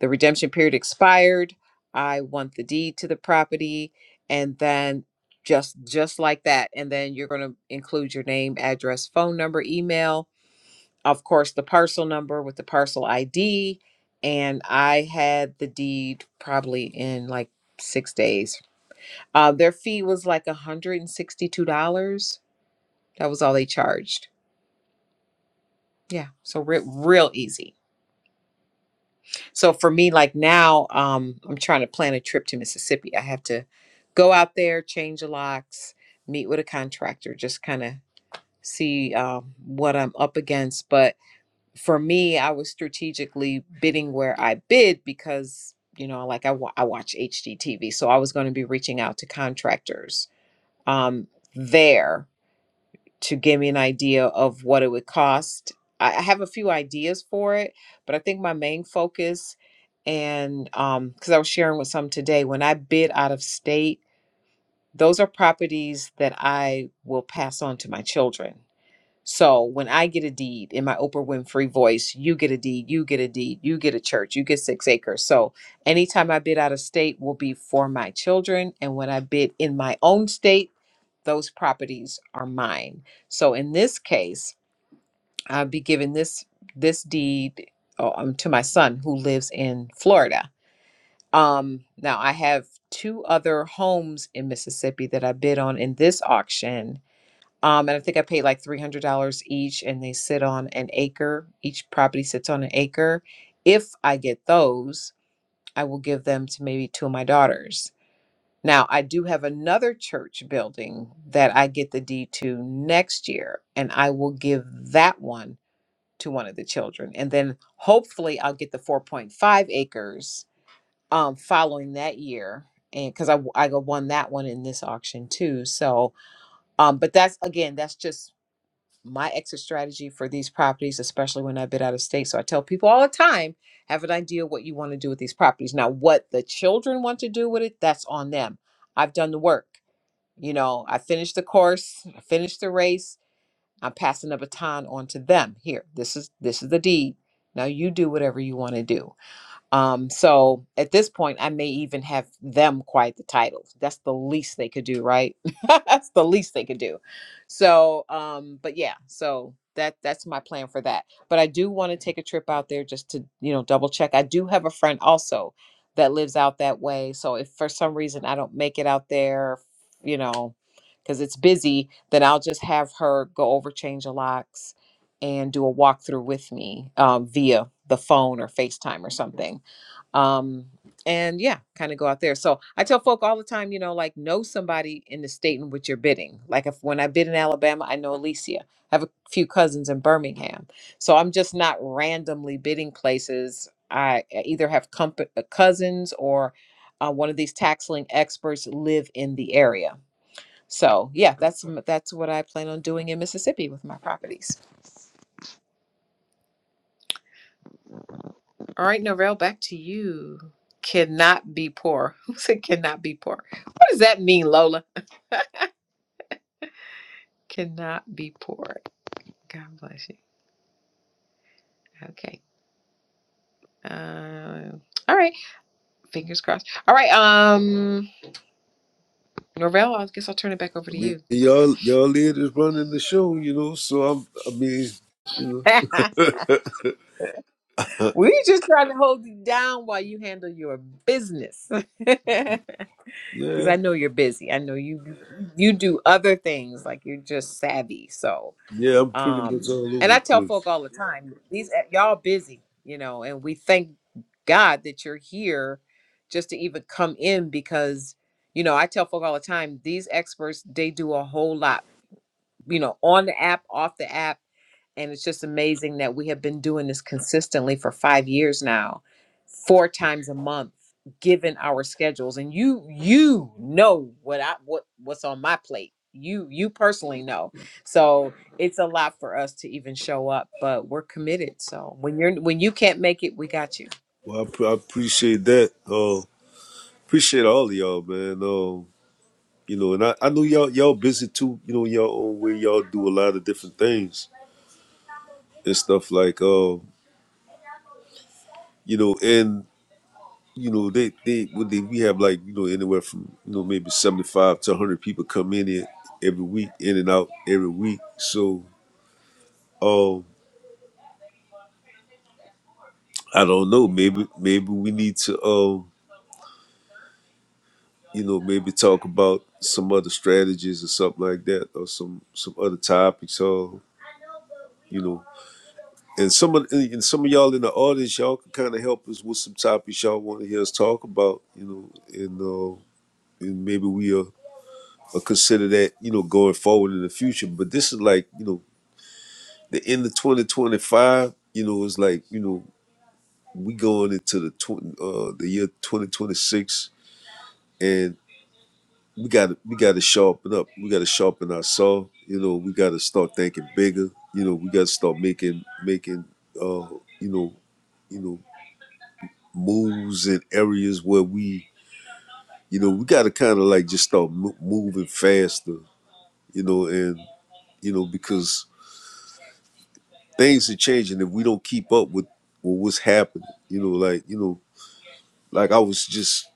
The redemption period expired. I want the deed to the property, and then just just like that, and then you're going to include your name, address, phone number, email, of course, the parcel number with the parcel ID. And I had the deed probably in like six days. Uh, their fee was like $162. That was all they charged. Yeah. So re- real easy. So for me, like now, um, I'm trying to plan a trip to Mississippi. I have to go out there, change the locks, meet with a contractor, just kind of see um, what I'm up against. But for me, I was strategically bidding where I bid because, you know, like I, wa- I watch HGTV. So I was going to be reaching out to contractors um, there to give me an idea of what it would cost. I, I have a few ideas for it, but I think my main focus, and because I was sharing with some today, when I bid out of state, those are properties that I will pass on to my children so when I get a deed in my Oprah Winfrey voice, you get a deed, you get a deed, you get a church, you get six acres. So anytime I bid out of state will be for my children. And when I bid in my own state, those properties are mine. So in this case, I'll be giving this this deed uh, um, to my son who lives in Florida. Um, now I have two other homes in Mississippi that I bid on in this auction um, and I think I paid like three hundred dollars each, and they sit on an acre. Each property sits on an acre. If I get those, I will give them to maybe two of my daughters. Now I do have another church building that I get the deed to next year, and I will give that one to one of the children, and then hopefully I'll get the four point five acres um, following that year, and because I I won that one in this auction too, so um but that's again that's just my exit strategy for these properties, especially when I've been out of state. So I tell people all the time, have an idea what you want to do with these properties. Now, what the children want to do with it, that's on them. I've done the work. You know, I finished the course, I finished the race. I'm passing the baton on to them. Here, this is this is the deed. Now you do whatever you want to do. Um, so at this point, I may even have them quiet the titles. That's the least they could do, right? (laughs) that's the least they could do. So, um, but yeah, so that that's my plan for that. But I do want to take a trip out there just to you know double check. I do have a friend also that lives out that way. So if for some reason I don't make it out there, you know, because it's busy, then I'll just have her go over change the locks and do a walkthrough with me um, via the phone or FaceTime or something um and yeah kind of go out there so i tell folk all the time you know like know somebody in the state in which you're bidding like if when i bid in alabama i know alicia i have a few cousins in birmingham so i'm just not randomly bidding places i either have compa- uh, cousins or uh, one of these tax lien experts live in the area so yeah that's that's what i plan on doing in mississippi with my properties All right, Norvell, back to you. Cannot be poor. (laughs) Who said cannot be poor? What does that mean, Lola? Cannot be poor. God bless you. Okay. Um, all right. Fingers crossed. All right. Um, Norvell, I guess I'll turn it back over I to mean, you. y'all y'all leaders running the show, you know. So I'm, I mean, you (laughs) know, (laughs) we just trying to hold you down while you handle your business, (laughs) because yeah, I know you're busy. I know you you do other things like you're just savvy. So yeah. I'm pretty much um all and over i the tell place. folk all the time these eh, y'all busy you know and we thank god that you're here just to even come in because you know i tell folk all the time these experts they do a whole lot you know on the app off the app and it's just amazing that we have been doing this consistently for five years now, four times a month, given our schedules. And you you know what I what what's on my plate. You you personally know. So it's a lot for us to even show up, but we're committed. So when you're when you can't make it, we got you. Well, I, pre- I appreciate that. Uh, appreciate all of y'all, man. Um, you know, and I, I know y'all y'all busy too. You know, in y'all own way, y'all do a lot of different things and stuff like, uh, you know, and you know they they when they we have like you know anywhere from you know maybe seventy five to hundred people come in here every week, in and out every week. So. um. I don't know. Maybe maybe we need to um you know maybe talk about some other strategies or something like that or some some other topics or you know and some of and and some of y'all in the audience y'all can kind of help us with some topics y'all want to hear us talk about you know and uh and maybe we'll uh, consider that you know going forward in the future but this is like you know the end of 2025 you know it's like you know we going into the tw- uh the year 2026 and we got to we got to sharpen up. We got to sharpen our saw. You know, we got to start thinking bigger. You know, we got to start making making uh you know you know moves in areas where we you know we got to kind of like just start mo- moving faster. You know, and you know because things are changing if we don't keep up with with what's happening. You know, like you know, like I was just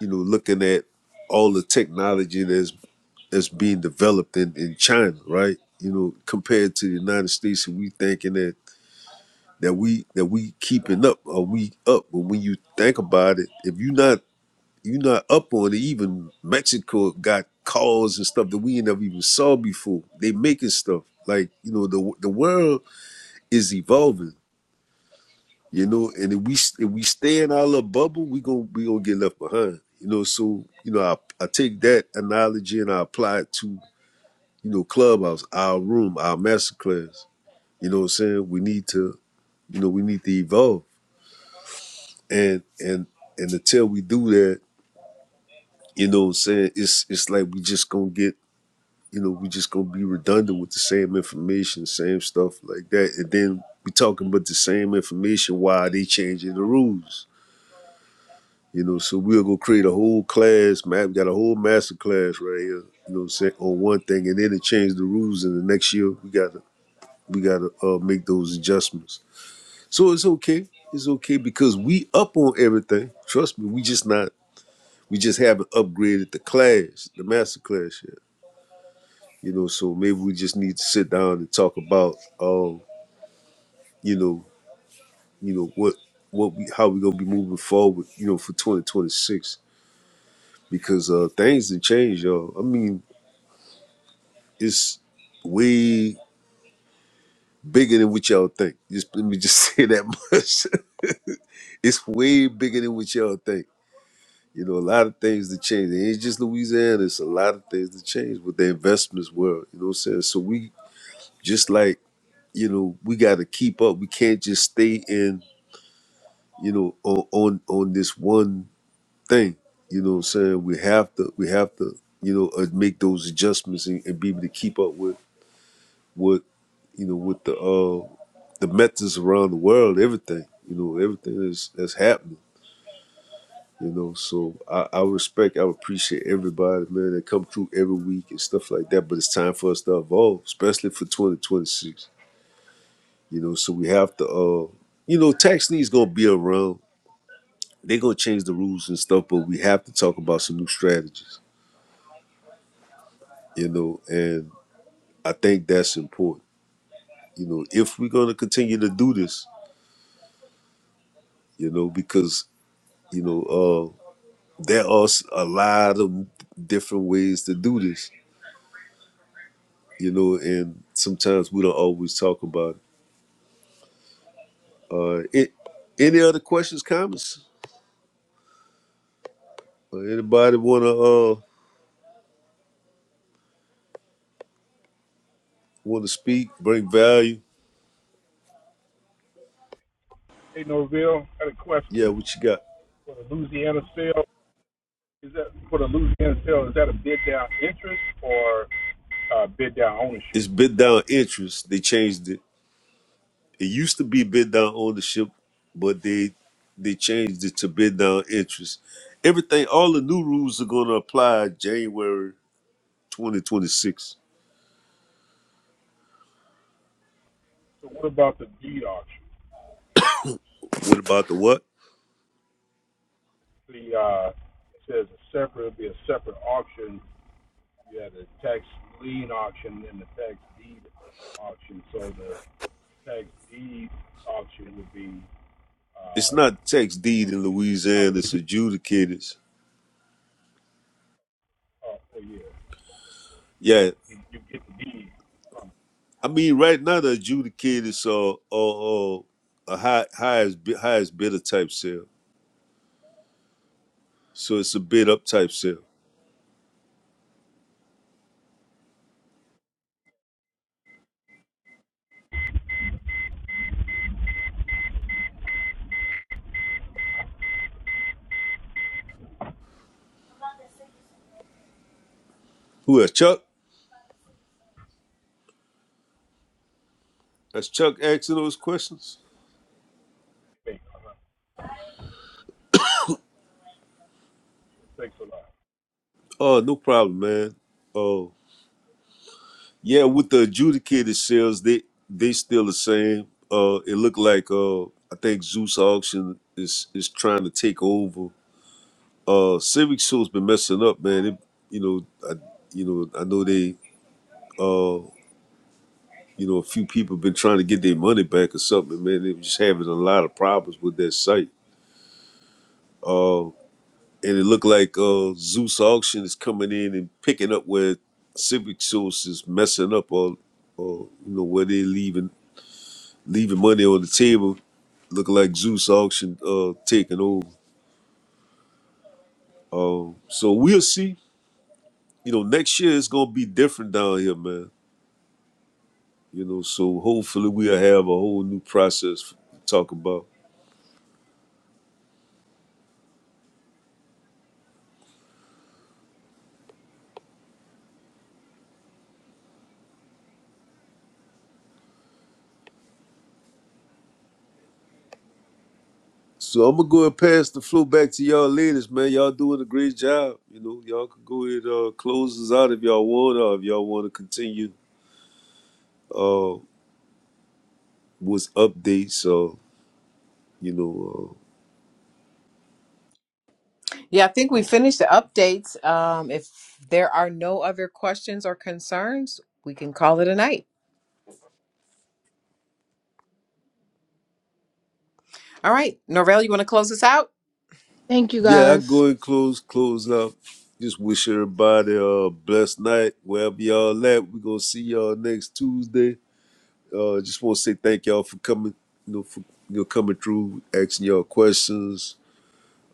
you know looking at all the technology that's. that's being developed in, in China, right? You know, compared to the United States, and we thinking that that we that we keeping up or we up. But when you think about it, if you not you not up on it, even Mexico got cars and stuff that we ain't never even saw before. They making stuff like you know the the world is evolving, you know. And if we if we stay in our little bubble, we gonna we gonna get left behind, you know. So you know, I I take that analogy and I apply it to you know, clubhouse, our room, our masterclass. You know what I'm saying? We need to, you know, we need to evolve. And and and until we do that, you know what I'm saying, it's it's like we just gonna get, you know, we just gonna be redundant with the same information, same stuff like that. And then we talking about the same information why they changing the rules. You know, so we'll go create a whole class, man. We got a whole master class right here, you know what I'm saying, on one thing and then it change the rules and the next year we gotta we gotta uh, make those adjustments. So it's okay. It's okay because we up on everything. Trust me, we just not we just haven't upgraded the class, the master class yet. You know, so maybe we just need to sit down and talk about um, you know, you know, what what we how we gonna be moving forward, you know, for twenty twenty six. Because uh things have changed, y'all. I mean, it's way bigger than what y'all think. Just let me just (laughs) say that much. (laughs) it's way bigger than what y'all think You know, a lot of things to change. It ain't just Louisiana, it's a lot of things to change with the investments world. You know what I'm saying? So we just like, you know, we gotta keep up. We can't just stay in, you know, on on, on this one thing. You know what I'm saying? We have to we have to, you know, uh, make those adjustments and, and be able to keep up with what you know, with the uh the methods around the world, everything. You know, everything is that's happening. You know, so I, I respect, I appreciate everybody, man, that come through every week and stuff like that. But it's time for us to evolve, especially for 2026. You know, so we have to, uh, you know, tax liens gonna be around. They're gonna change the rules and stuff, but we have to talk about some new strategies. You know, and I think that's important. You know, if we're gonna continue to do this, you know, because you know, uh, there are s- a lot of different ways to do this you know, and sometimes we don't always talk about it. Uh, it any other questions, comments? Uh, anybody wanna uh wanna speak, bring value? Hey, Norville, I had a Yeah, question. what you got? Louisiana Is that for the Louisiana sale? Is that a bid down interest or uh, bid down ownership? It's bid down interest. They changed it. It used to be bid down ownership, but they they changed it to bid down interest. Everything, all the new rules are gonna apply January 2026. So what about the deed auction? What about the what? The uh, It's not tax deed in Louisiana. It's adjudicators. Yeah, I mean, right now the adjudicated is uh, uh, uh, a high highest bi- highest bidder type sale, so it's a bid up type sale. Who else? Chuck? That's Chuck asking those questions. Oh, no problem, man. Oh, yeah, with the adjudicated sales, they they still the same. Uh, it looked like uh, I think Zeus Auction is is trying to take over. Uh, Civic Show's been messing up, man. It, you know, I, you know, I know they. uh, You know, a few people been trying to get their money back or something, man. They were just having a lot of problems with that site. Uh, and it looked like uh, Zeus Auction is coming in and picking up where Civic Source is messing up or, or you know, where they're leaving leaving money on the table. Look like Zeus Auction uh, taking over. Um, so we'll see. You know, next year it's gonna be different down here, man. You know, so hopefully we'll have a whole new process to talk about. So I'm gonna go and pass the floor back to y'all ladies, man. Y'all doing a great job. You know, y'all can go and uh close us out if y'all want or if y'all wanna continue uh with updates or you know uh Yeah, I think we finished the updates. Um, if there are no other questions or concerns, we can call it a night. All right. Norvell, you want to close us out? Thank you yeah, I guys. go and Amen. close close up. Just wish everybody a blessed night wherever y'all at. we gonna see y'all next Tuesday. Uh just wanna say thank y'all for coming, you know, for you know, coming through, asking y'all questions,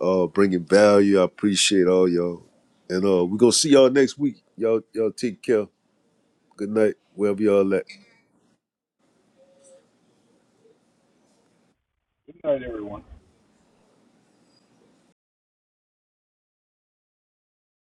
uh, bringing value. I appreciate all y'all. And uh, we're going to see y'all next week. Y'all, y'all take care. Good night, wherever y'all at.